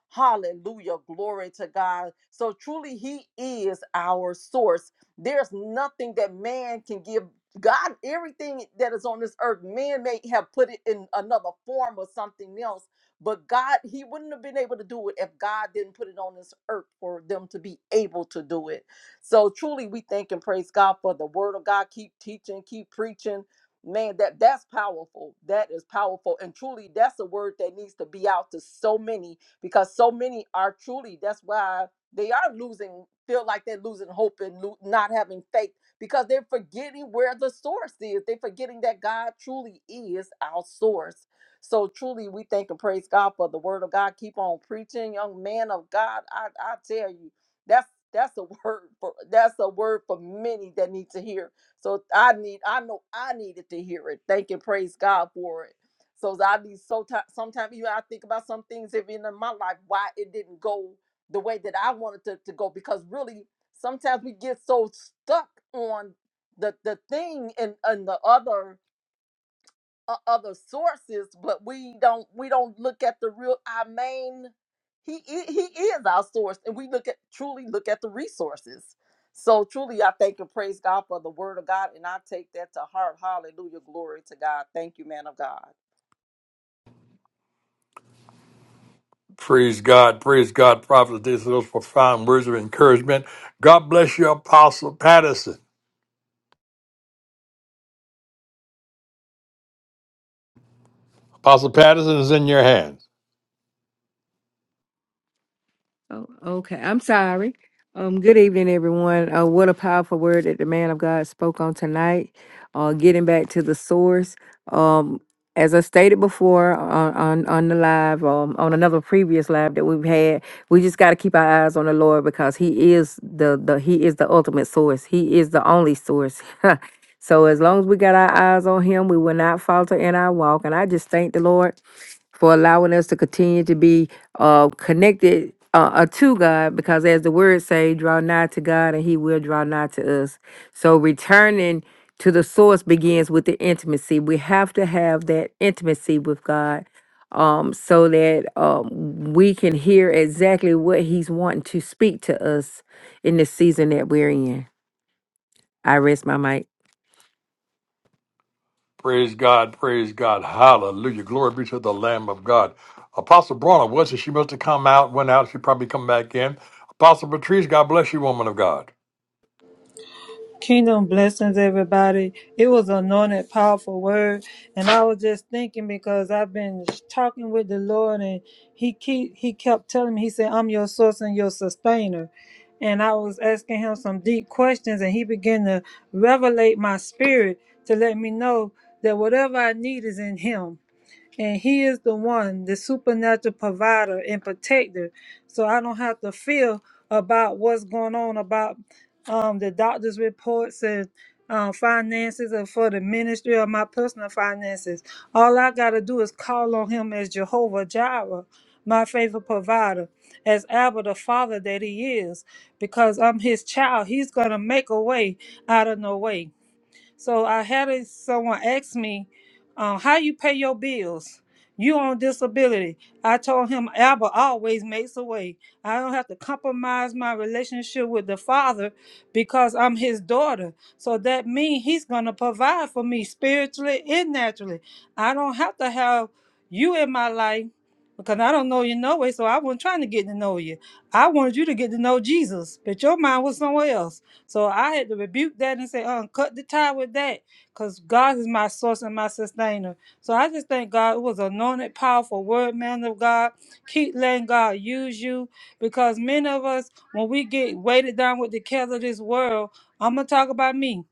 Speaker 3: Hallelujah. Glory to God. So truly, He is our source. There's nothing that man can give. God, everything that is on this earth, man may have put it in another form or something else, but God, He wouldn't have been able to do it if God didn't put it on this earth for them to be able to do it. So truly, we thank and praise God for the Word of God. Keep teaching, keep preaching. Man, that that's powerful. That is powerful, and truly, that's a word that needs to be out to so many because so many are truly that's why they are losing feel like they're losing hope and lo- not having faith because they're forgetting where the source is they're forgetting that god truly is our source so truly we thank and praise god for the word of god keep on preaching young man of god i, I tell you that's that's a word for that's a word for many that need to hear so i need i know i needed to hear it thank and praise god for it so I be so ti sometimes even I think about some things even in my life why it didn't go the way that I wanted to, to go because really sometimes we get so stuck on the the thing and and the other uh, other sources, but we don't we don't look at the real our main. He i- he is our source, and we look at truly look at the resources. So truly, I thank and praise God for the word of God, and I take that to heart. Hallelujah, glory to God. Thank you, man of God.
Speaker 1: Praise God, praise God, prophet. These are those profound words of encouragement. God bless you, Apostle Patterson. Apostle Patterson is in your hands.
Speaker 2: Oh, okay. I'm sorry. Um, good evening, everyone. Uh, what a powerful word that the man of God spoke on tonight. Uh, getting back to the source. Um, as I stated before on, on, on the live, um, on another previous live that we've had, we just got to keep our eyes on the Lord because He is the the He is the ultimate source. He is the only source. so as long as we got our eyes on Him, we will not falter in our walk. And I just thank the Lord for allowing us to continue to be uh, connected uh, uh, to God, because as the word say, draw nigh to God, and He will draw nigh to us. So returning to the source begins with the intimacy. We have to have that intimacy with God, um, so that um, we can hear exactly what He's wanting to speak to us in the season that we're in. I rest my mic.
Speaker 1: Praise God, praise God, hallelujah. Glory be to the Lamb of God. Apostle Bronner, was it? She must have come out, went out. She probably come back in. Apostle Patrice, God bless you, woman of God.
Speaker 5: Kingdom blessings, everybody. It was an anointed, powerful word, and I was just thinking because I've been talking with the Lord, and He keep He kept telling me, He said, "I'm your source and your sustainer," and I was asking Him some deep questions, and He began to revelate my spirit to let me know that whatever I need is in Him and he is the one the supernatural provider and protector so i don't have to feel about what's going on about um, the doctor's reports and um, finances or for the ministry or my personal finances all i got to do is call on him as jehovah jireh my favorite provider as abba the father that he is because i'm his child he's gonna make a way out of no way so I had a, someone ask me, uh, "How you pay your bills? You on disability?" I told him, "Abba always makes a way. I don't have to compromise my relationship with the Father because I'm His daughter. So that means He's gonna provide for me spiritually and naturally. I don't have to have you in my life." Because I don't know you no way, so I wasn't trying to get to know you. I wanted you to get to know Jesus, but your mind was somewhere else. So I had to rebuke that and say, uh, cut the tie with that because God is my source and my sustainer. So I just thank God. It was anointed, powerful word, man of God. Keep letting God use you because many of us, when we get weighted down with the cares of this world, I'm going to talk about me.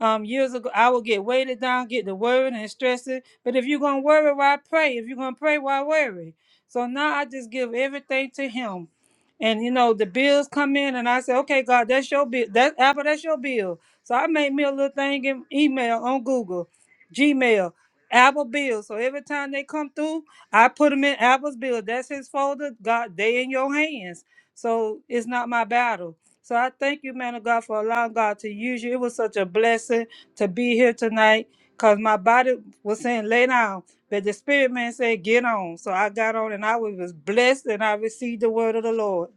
Speaker 5: Um, years ago, I would get weighted down, get to worrying and stressing. But if you're going to worry, why pray? If you're going to pray, why worry? So now I just give everything to Him and you know the bills come in and i say okay god that's your bill that apple that's your bill so i made me a little thing in email on google gmail apple bills so every time they come through i put them in apple's bill that's his folder god they in your hands so it's not my battle so i thank you man of god for allowing god to use you it was such a blessing to be here tonight because my body was saying lay down but the spirit man said, Get on. So I got on and I was blessed and I received the word of the Lord.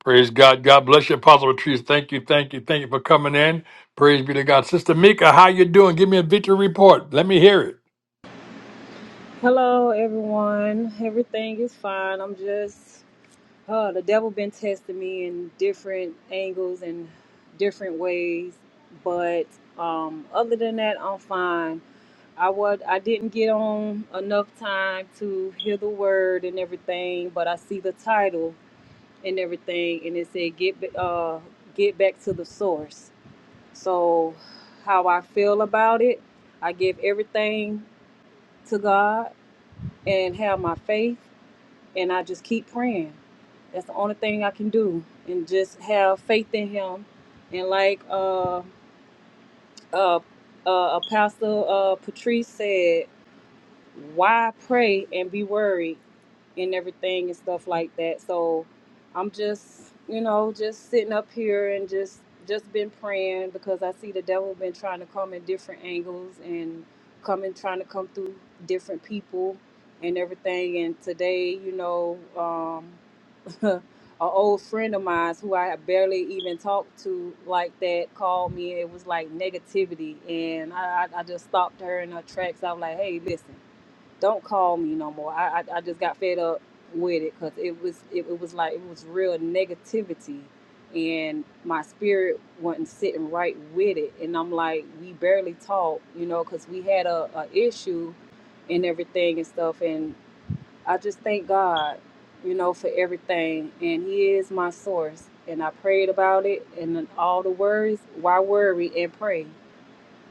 Speaker 1: Praise God, God bless you, Apostle Patrice. Thank you, thank you, thank you for coming in. Praise be to God. Sister Mika, how you doing? Give me a victory report. Let me hear it.
Speaker 6: Hello, everyone. Everything is fine. I'm just uh, the devil been testing me in different angles and different ways, but um, other than that, I'm fine. I was I didn't get on enough time to hear the word and everything, but I see the title and everything, and it said get ba- uh, get back to the source. So, how I feel about it, I give everything to God and have my faith and I just keep praying. That's the only thing I can do, and just have faith in Him. And like uh, uh, uh, Apostle uh, Patrice said, why pray and be worried and everything and stuff like that. So I'm just, you know, just sitting up here and just just been praying because I see the devil been trying to come in different angles and coming trying to come through different people and everything. And today, you know, um, an old friend of mine who I barely even talked to like that called me. It was like negativity, and I, I, I just stopped her in her tracks. I was like, "Hey, listen, don't call me no more." I, I, I just got fed up with it because it was it, it was like it was real negativity, and my spirit wasn't sitting right with it. And I'm like, we barely talked, you know, because we had a, a issue and everything and stuff. and. I just thank God, you know, for everything. And He is my source. And I prayed about it and all the worries. Why worry and pray?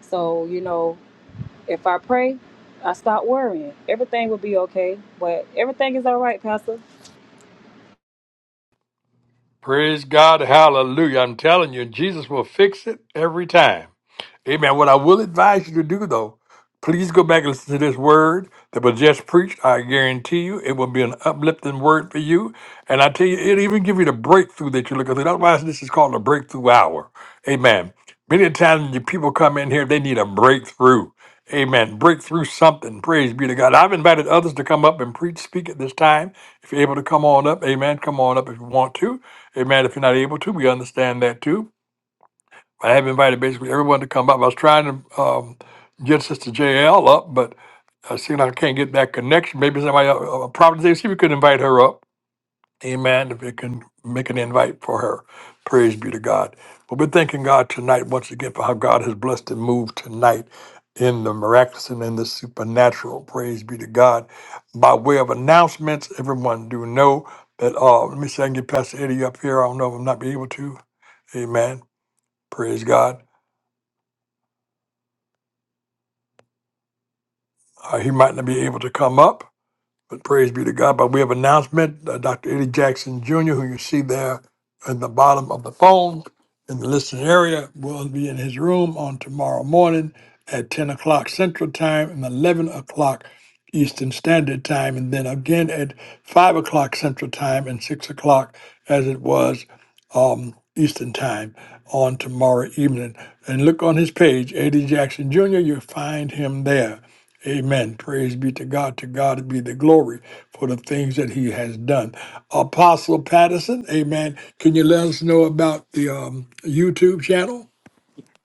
Speaker 6: So, you know, if I pray, I stop worrying. Everything will be okay. But everything is all right, Pastor.
Speaker 1: Praise God. Hallelujah. I'm telling you, Jesus will fix it every time. Amen. What I will advise you to do, though, please go back and listen to this word that was just preached. I guarantee you it will be an uplifting word for you. And I tell you, it'll even give you the breakthrough that you're looking for. Otherwise, this is called a breakthrough hour. Amen. Many times the people come in here, they need a breakthrough. Amen. Break through something. Praise be to God. I've invited others to come up and preach, speak at this time. If you're able to come on up, amen. Come on up if you want to. Amen. If you're not able to, we understand that too. I have invited basically everyone to come up. I was trying to um, get Sister JL up, but I see I can't get that connection. Maybe somebody, uh, uh, Providence, see if we could invite her up. Amen. If you can make an invite for her, praise be to God. But we're thanking God tonight once again for how God has blessed and moved tonight in the miraculous and in the supernatural. Praise be to God. By way of announcements, everyone do know that. Uh, let me see. I can get Pastor Eddie up here. I don't know if I'm not be able to. Amen. Praise God. Uh, he might not be able to come up. But praise be to God. But we have announcement. Uh, Dr. Eddie Jackson Jr., who you see there at the bottom of the phone in the listening area, will be in his room on tomorrow morning at 10 o'clock Central Time and 11 o'clock Eastern Standard Time. And then again at 5 o'clock Central Time and 6 o'clock as it was um, Eastern Time on tomorrow evening. And look on his page, Eddie Jackson Jr., you'll find him there. Amen. Praise be to God. To God be the glory for the things that he has done. Apostle Patterson, amen. Can you let us know about the um, YouTube channel?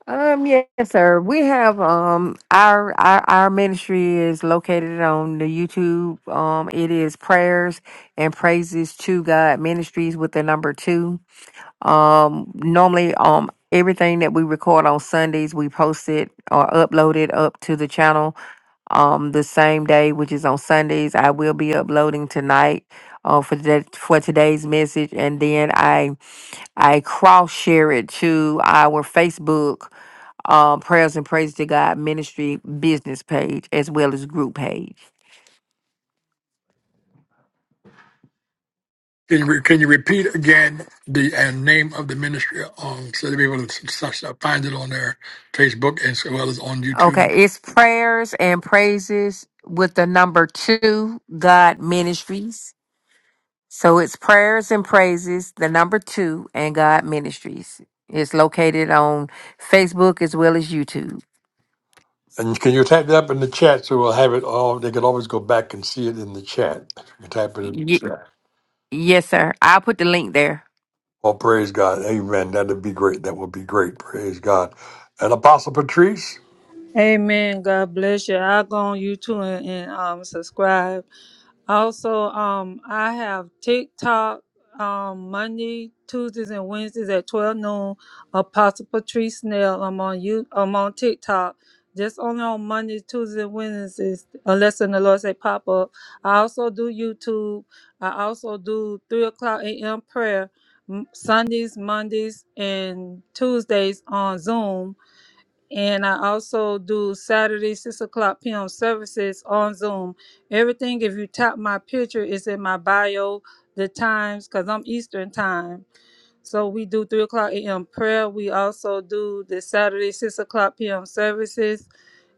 Speaker 2: Um, yes, sir. We have um our our our ministry is located on the YouTube. Um, it is prayers and praises to God ministries with the number two. Um, normally, um, everything that we record on Sundays, we post it or upload it up to the channel. Um, the same day, which is on Sundays, I will be uploading tonight. Uh, for that for today's message, and then I I cross share it to our Facebook um, prayers and praise to God ministry business page as well as group page.
Speaker 1: Can you, re- can you repeat again the uh, name of the ministry um, so that people can s- s- find it on their Facebook as well as on YouTube?
Speaker 2: Okay, it's prayers and praises with the number two God ministries. So it's prayers and praises, the number two, and God Ministries. It's located on Facebook as well as YouTube.
Speaker 1: And can you type it up in the chat so we'll have it all? They can always go back and see it in the chat. If you can type it in,
Speaker 2: Y- yes, sir. I'll put the link there.
Speaker 1: oh, praise God. Amen. That'd be great. That would be great. Praise God. And Apostle Patrice?
Speaker 5: Amen. God bless you. I'll go on YouTube and, and um, subscribe. Also, um, I have TikTok um, Monday, Tuesdays, and Wednesdays at 12 noon. Apostle Patrice Snell. I'm on you. I'm on TikTok. Just only on Mondays, Tuesdays, and Wednesdays, unless in the Lord say pop up. I also do YouTube. I also do 3 o'clock a.m. prayer m- Sundays, Mondays, and Tuesdays on Zoom and I also do Saturday six o'clock p.m. services on Zoom. Everything, if you tap my picture, is in my bio, the times, because I'm Eastern time. So we do three o'clock a.m. prayer. We also do the Saturday six o'clock p.m. services,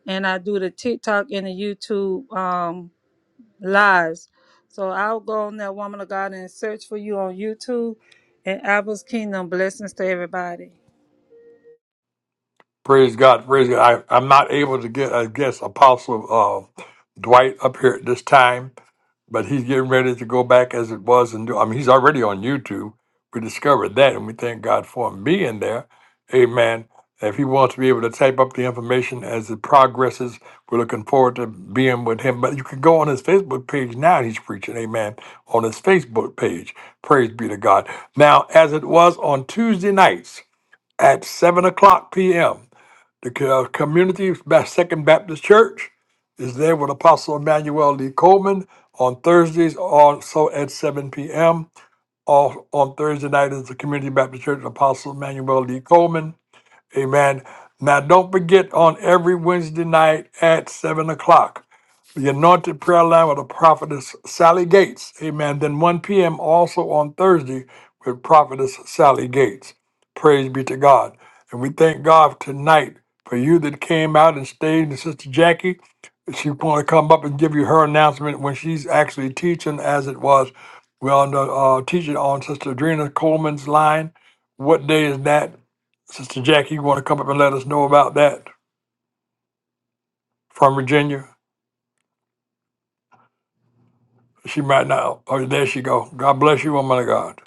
Speaker 5: and I do the TikTok and the YouTube um, lives. So I'll go on that woman of God and search for you on YouTube. And Apple's Kingdom blessings to everybody.
Speaker 1: Praise God, praise God. I, I'm not able to get, I guess, Apostle uh, Dwight up here at this time, but he's getting ready to go back as it was and do. I mean, he's already on YouTube. We discovered that, and we thank God for him being there. Amen. If he wants to be able to type up the information as it progresses, we're looking forward to being with him. But you can go on his Facebook page now. And He's preaching, amen, on his Facebook page. Praise be to God. Now, as it was on Tuesday nights at 7 o'clock p.m., the co- community Ba- Second Baptist Church is there with Apostle Emmanuel Lee Coleman on Thursdays, also at 7 p.m. All on Thursday night is the Community Baptist Church Apostle Emmanuel Lee Coleman. Amen. Now, don't forget on every Wednesday night at 7 o'clock the anointed prayer line with the prophetess Sally Gates. Amen. Then 1 p.m. also on Thursday with prophetess Sally Gates. Praise be to God. And we thank God tonight for you that came out and stayed. And Sister Jackie, she's going to come up and give you her announcement when she's actually teaching, as it was. We're on the, uh, teaching on Sister Adrena Coleman's line. What day is that? Sister Jackie, you want to come up and let us know about that from Virginia? She might not. Oh, there she go. God bless you, woman of God.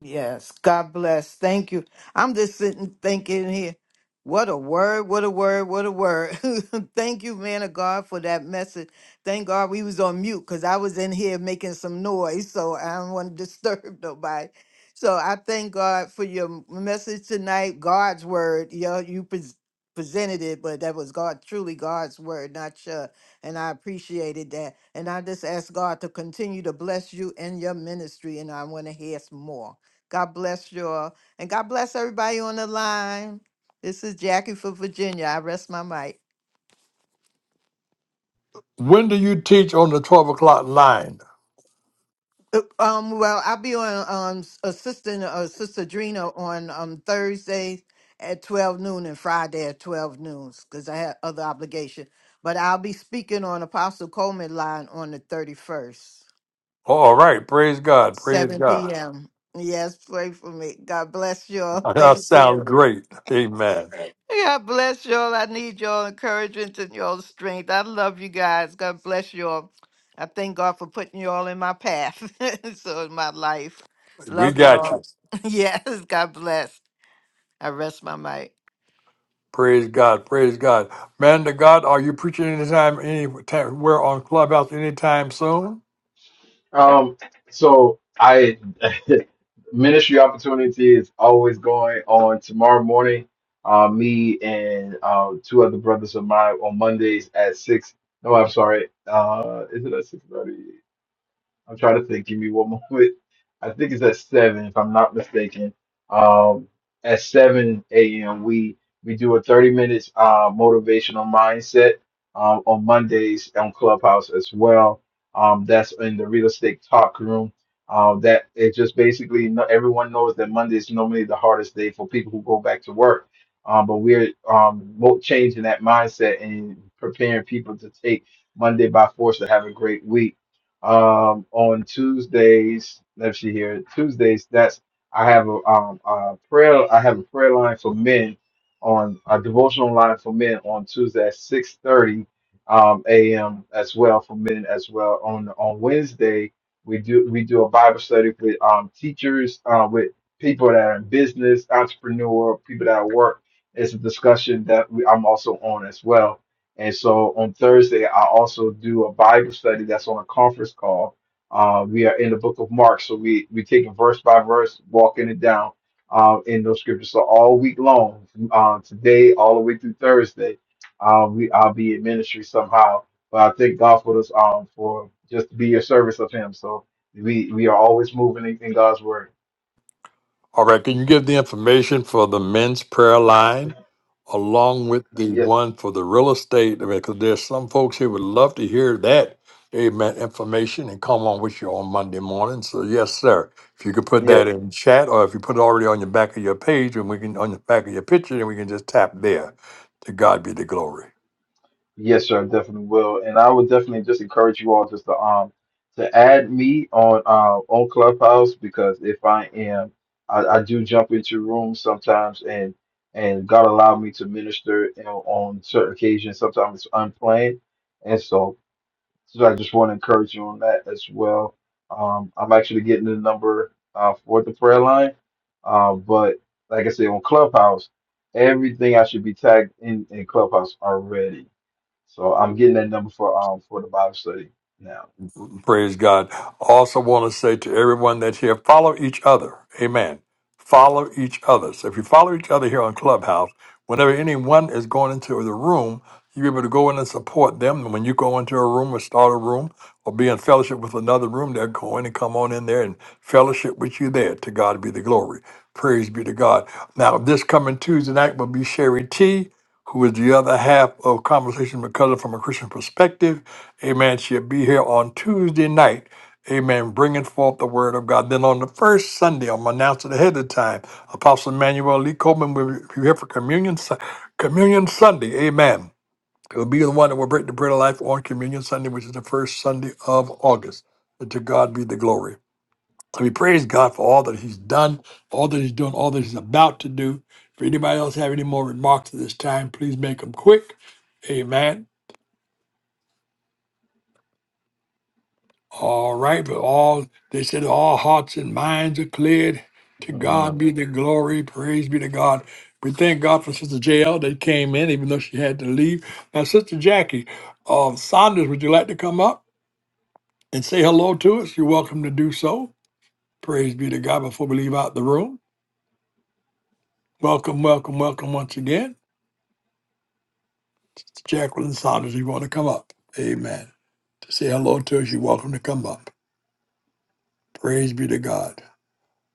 Speaker 7: Yes, God bless. Thank you. I'm just sitting thinking here. What a word, what a word, what a word. Thank you, man of God, for that message. Thank God we was on mute because I was in here making some noise, so I don't want to disturb nobody. So I thank God for your message tonight, God's word. Yeah, you pres presented it, but that was God, truly God's word, not your. And I appreciated that. And I just ask God to continue to bless you and your ministry, and I want to hear some more. God bless you all. And God bless everybody on the line. This is Jackie for Virginia. I rest my mic.
Speaker 1: When do you teach on the 12 o'clock line?
Speaker 7: Uh, Um, well, I'll be on um s- assisting uh, Sister Drina on um Thursday at twelve noon and Friday at twelve noon because I have other obligation. But I'll be speaking on Apostle Coleman line on the thirty first,
Speaker 1: All right. Praise God. Praise
Speaker 7: seven
Speaker 1: God.
Speaker 7: p.m. Yes, pray for me. God bless you all.
Speaker 1: That
Speaker 7: Thank
Speaker 1: sounds
Speaker 7: you.
Speaker 1: great. Amen.
Speaker 7: God bless y'all. I need y'all encouragement and y'all strength. I love you guys. God bless y'all. I thank God for putting y'all in my path. so in my life.
Speaker 1: We
Speaker 7: Love Thank you
Speaker 1: got
Speaker 7: all.
Speaker 1: you.
Speaker 7: Yes, God bless. I rest my mic.
Speaker 1: Praise God. Praise God. Man to God, are you preaching anytime, anywhere on Clubhouse anytime soon?
Speaker 4: Um, so I ministry opportunity is always going on tomorrow morning. Uh, me and uh, two other brothers of mine on Mondays at six. No, I'm sorry. Uh, is it at six thirty? I'm trying to think. Give me one moment. I think it's at seven, if I'm not mistaken. Um, at seven a.m. we we do a thirty minutes uh, motivational mindset um, on Mondays on Clubhouse as well. Um, that's in the real estate talk room. Um, that it just basically no, everyone knows that Monday is normally the hardest day for people who go back to work. Um, but we're um, mo- changing that mindset and preparing people to take Monday by force to have a great week um, on Tuesdays, let's see here. Tuesdays, that's I have a, um, a prayer. I have a prayer line for men on a devotional line for men on Tuesday at six thirty um, a.m. as well for men as well. On on Wednesday, we do we do a Bible study with um, teachers uh, with people that are in business, entrepreneur, people that work. It's a discussion that we, I'm also on as well and so on Thursday, I also do a Bible study that's on a conference call. Uh, we are in the book of Mark, so we we take it verse by verse, walking it down uh, in those scriptures. So all week long, uh, today all the way through Thursday, uh, we I'll be in ministry somehow. But I thank God for this um for just to be your service of Him. So we we are always moving in, in God's word.
Speaker 1: All right, can you give the information for the men's prayer line along with the
Speaker 4: Yes,
Speaker 1: one for the real estate? Because there's some folks here would love to hear that amen information and come on with you on Monday morning. So yes, sir. If you could put
Speaker 4: yes.
Speaker 1: that in chat or if you put it already on your back of your page and we can on the back of your picture, then we can just tap there. To God be the glory.
Speaker 4: Yes, sir, I definitely will. And I would definitely just encourage you all just to um to add me on uh, on Clubhouse because if I am I, I do jump into rooms sometimes and and God allowed me to minister you know, on certain occasions. Sometimes it's unplanned. And so so I just want to encourage you on that as well. Um I'm actually getting the number uh for the prayer line. Um but like I said on Clubhouse, everything I should be tagged in in Clubhouse already. So I'm getting that number for um for the Bible study now.
Speaker 1: Praise God. Also, want to say to everyone that's here, follow each other. Amen. Follow each other. So, if you follow each other here on Clubhouse, whenever anyone is going into the room, you're able to go in and support them. And when you go into a room or start a room or be in fellowship with another room, they're going and come on in there and fellowship with you there. To God be the glory. Praise be to God. Now, this coming Tuesday night will be Sherry T, who is the other half of Conversation with Cousin from a Christian Perspective. Amen. She'll be here on Tuesday night. Amen. Bringing forth the word of God. Then on the first Sunday, I'm announcing ahead of time. Apostle Emmanuel Lee Coleman will be here for communion, Su- communion Sunday. Amen. He'll be the one that will break the bread of life on Communion Sunday, which is the first Sunday of August. And to God be the glory. So we praise God for all that He's done, all that He's doing, all that He's about to do. If anybody else have any more remarks at this time, please make them quick. Amen. All right, but all they said all hearts and minds are cleared. To God
Speaker 4: Mhm.
Speaker 1: be the glory. Praise be to God. We thank God for Sister JL that came in, even though she had to leave. Now, Sister Jackie, uh, Saunders, would you like to come up and say hello to us? You're welcome to do so. Praise be to God before we leave out the room. Welcome, welcome, welcome once again. Sister Jacqueline Saunders, you want to come up? Amen. To say hello to us, you're welcome to come up. Praise be to God.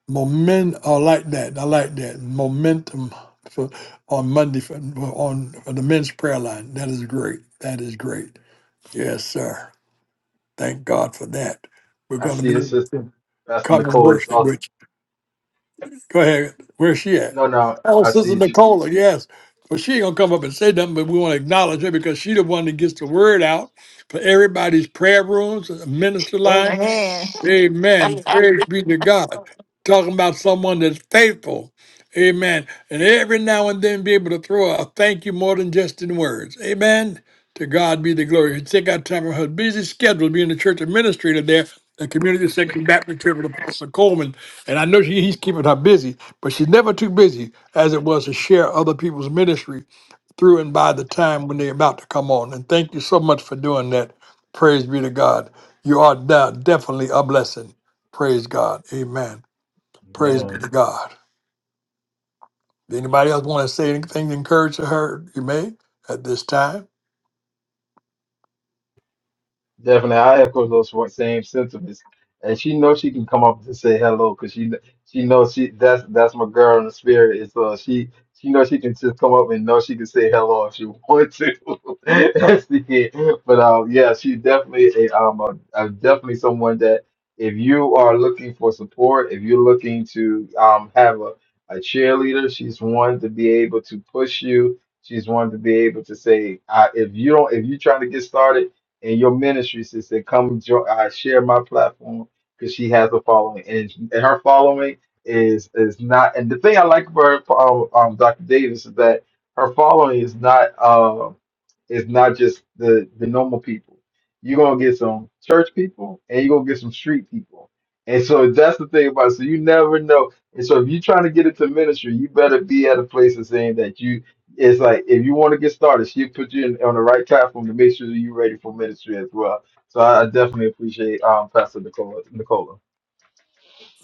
Speaker 1: Moment, I like that. I like that momentum for on Monday for, on for the men's prayer line. That is great. That is great. Yes, sir. Thank God for that. We're
Speaker 4: I
Speaker 1: going
Speaker 4: see
Speaker 1: to
Speaker 4: it's just
Speaker 1: be
Speaker 4: Pastor
Speaker 1: coming
Speaker 4: Nicole is
Speaker 1: worship.
Speaker 4: awesome.
Speaker 1: Which go ahead. Where's she at?
Speaker 4: No, no,
Speaker 1: Oh,
Speaker 4: I
Speaker 1: Sister
Speaker 4: see she,
Speaker 1: Nicola. Yes. Well, she ain't gonna come up and say nothing, but we want to acknowledge her because she the one that gets the word out for everybody's prayer rooms, minister line.
Speaker 7: Amen.
Speaker 1: Amen. Praise be to God. Talking about someone that's faithful. Amen. And every now and then be able to throw a thank you more than just in words. Amen. To God be the glory. And take out time from her busy schedule being the church administrator there, the community section Baptist Church with Apostle Coleman. And I know she, he's keeping her busy, but she's never too busy as it was to share other people's ministry through and by the time when they're about to come on. And thank you so much for doing that. Praise be to God. You are now definitely a blessing. Praise God. Amen. Praise
Speaker 4: man.
Speaker 1: be to God. Anybody else want to say anything to encourage her? You may at this time.
Speaker 4: Definitely, I echo those wa- same sentiments. And she knows she can come up and say hello because she kn- she knows she that's that's my girl in the spirit. And so she she knows she can just come up and know she can say hello if she wants to. That's the kid. But um, yeah, she definitely a um a, a definitely someone that if you are looking for support, if you're looking to um have a a cheerleader, she's one to be able to push you. She's one to be able to say, uh, if you don't, if you're trying to get started in your ministry, sister. Come join, uh, share my platform because she has a following, and, and her following is is not. And the thing I like about her, um, um, Dr. Davis is that her following is not. um, it's not just the the normal people. You're gonna get some church people and you're gonna get some street people. And so that's the thing about it. So you never know. And so if you're trying to get into ministry, you better be at a place of saying that you it's like if you want to get started, she'll put you in, on the right platform to make sure that you're ready for ministry as well. So I definitely appreciate um Pastor Nicola Nicola.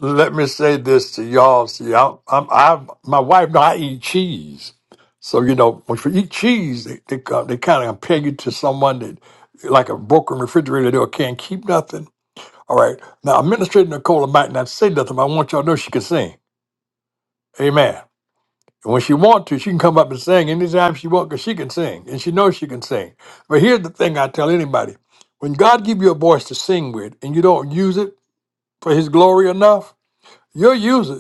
Speaker 1: let me say this to y'all. See, I, I'm, I, my wife and I eat cheese. So, you know, when you eat cheese, they, they, co- they kind of compare you to someone that, like a broken refrigerator door, can't keep nothing. All right. Now, Administrator Nicola might not say nothing, but I want y'all to know she can sing. Amen. And when she want to, she can come up and sing anytime she want because she can sing and she knows she can sing. But here's the thing I tell anybody. When God give you a voice to sing with and you don't use it for his glory enough, you'll use it.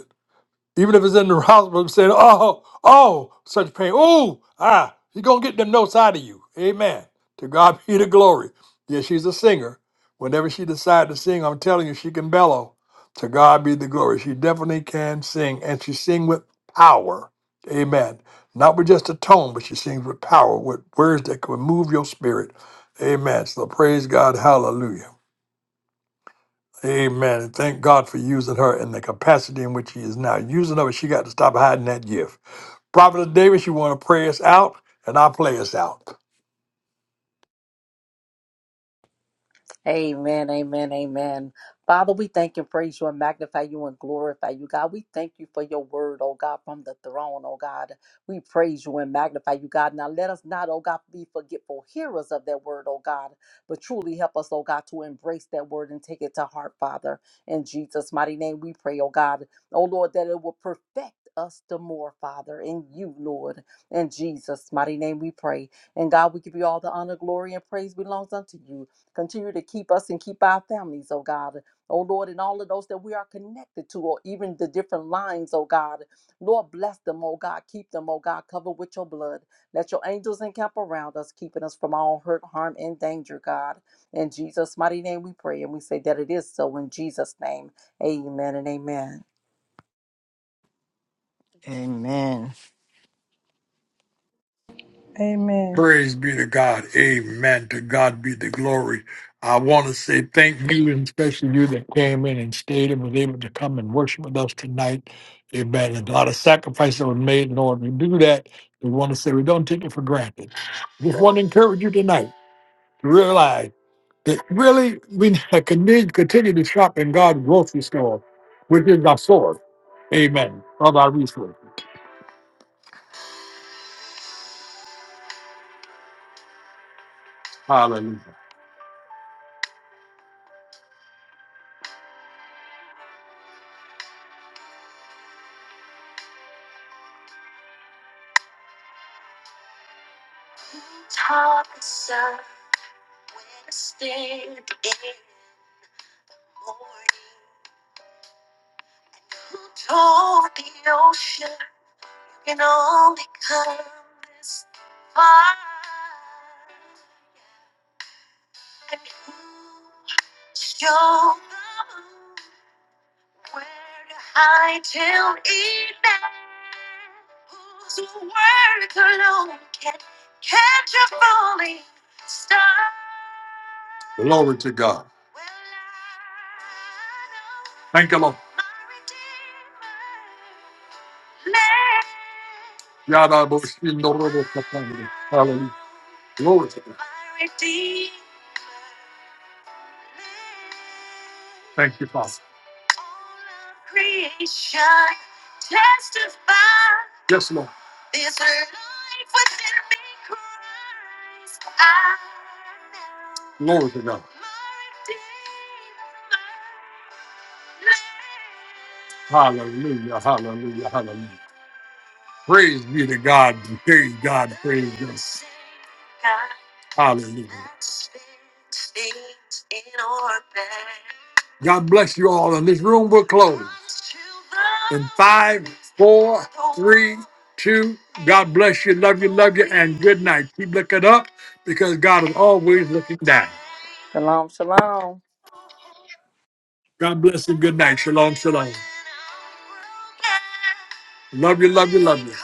Speaker 1: Even if it's in the hospital, I'm saying, oh, oh, such pain. Ooh, ah, she's going to get them notes out of you. Amen. To God be the glory. Yeah, she's a singer. Whenever she decides to sing, I'm telling you, she can bellow. To God be the glory. She definitely can sing, and she sings with power. Amen. Not with just a tone, but she sings with power, with words that can move your spirit. Amen. So praise God. Hallelujah. Amen. Thank God for using her in the capacity in which He is now using her, but she got to stop hiding that gift. Prophet Davis, you want to pray us out, and I'll play us out.
Speaker 3: Amen, amen, amen. Father, we thank and praise you and magnify you and glorify you, God. We thank you for your word, oh God, from the throne, oh God. We praise you and magnify you, God. Now let us not, oh God, be forgetful hearers of that word, oh God, but truly help us, oh God, to embrace that word and take it to heart, Father. In Jesus' mighty name, we pray, oh God. Oh Lord, that it will perfect us the more, Father, in you, Lord. In Jesus' mighty name, we pray. And God, we give you all the honor, glory, and praise belongs unto you. Continue to keep us and keep our families, oh God. Oh Lord, and all of those that we are connected to, or even the different lines, oh God. Lord, bless them, oh God. Keep them, oh God. Cover with your blood. Let your angels encamp around us, keeping us from all hurt, harm, and danger, God. In Jesus' mighty name we pray, and we say that it is so in Jesus' name. Amen and amen.
Speaker 7: Amen.
Speaker 5: Amen.
Speaker 1: Praise be to God. Amen. To God be the glory. I want to say thank you, and especially you that came in and stayed and was able to come and worship with us tonight. Amen. There's a lot of sacrifice that was made and in order to do that. We want to say we don't take it for granted. Just want to encourage you tonight to realize that really we continue, continue to shop in God's grocery store, which is our source. Amen. Of our resources. Hallelujah. Glory to God. Thank you, Lord. Yada bo shi no ro bo sa ta ni. Hallelujah. Glory to God. Thank you, Father. Yes, Lord. Glory to God. Hallelujah. Hallelujah. Hallelujah. Praise be to God. Praise God. Praise God. Hallelujah. God bless you all. And this room will close in five, four, three, two. God bless you. Love you. Love you. And good night. Keep looking up because God is always looking down.
Speaker 3: Shalom, shalom.
Speaker 1: God bless you. Good night. Shalom. Shalom. Love you. Love you. Love you.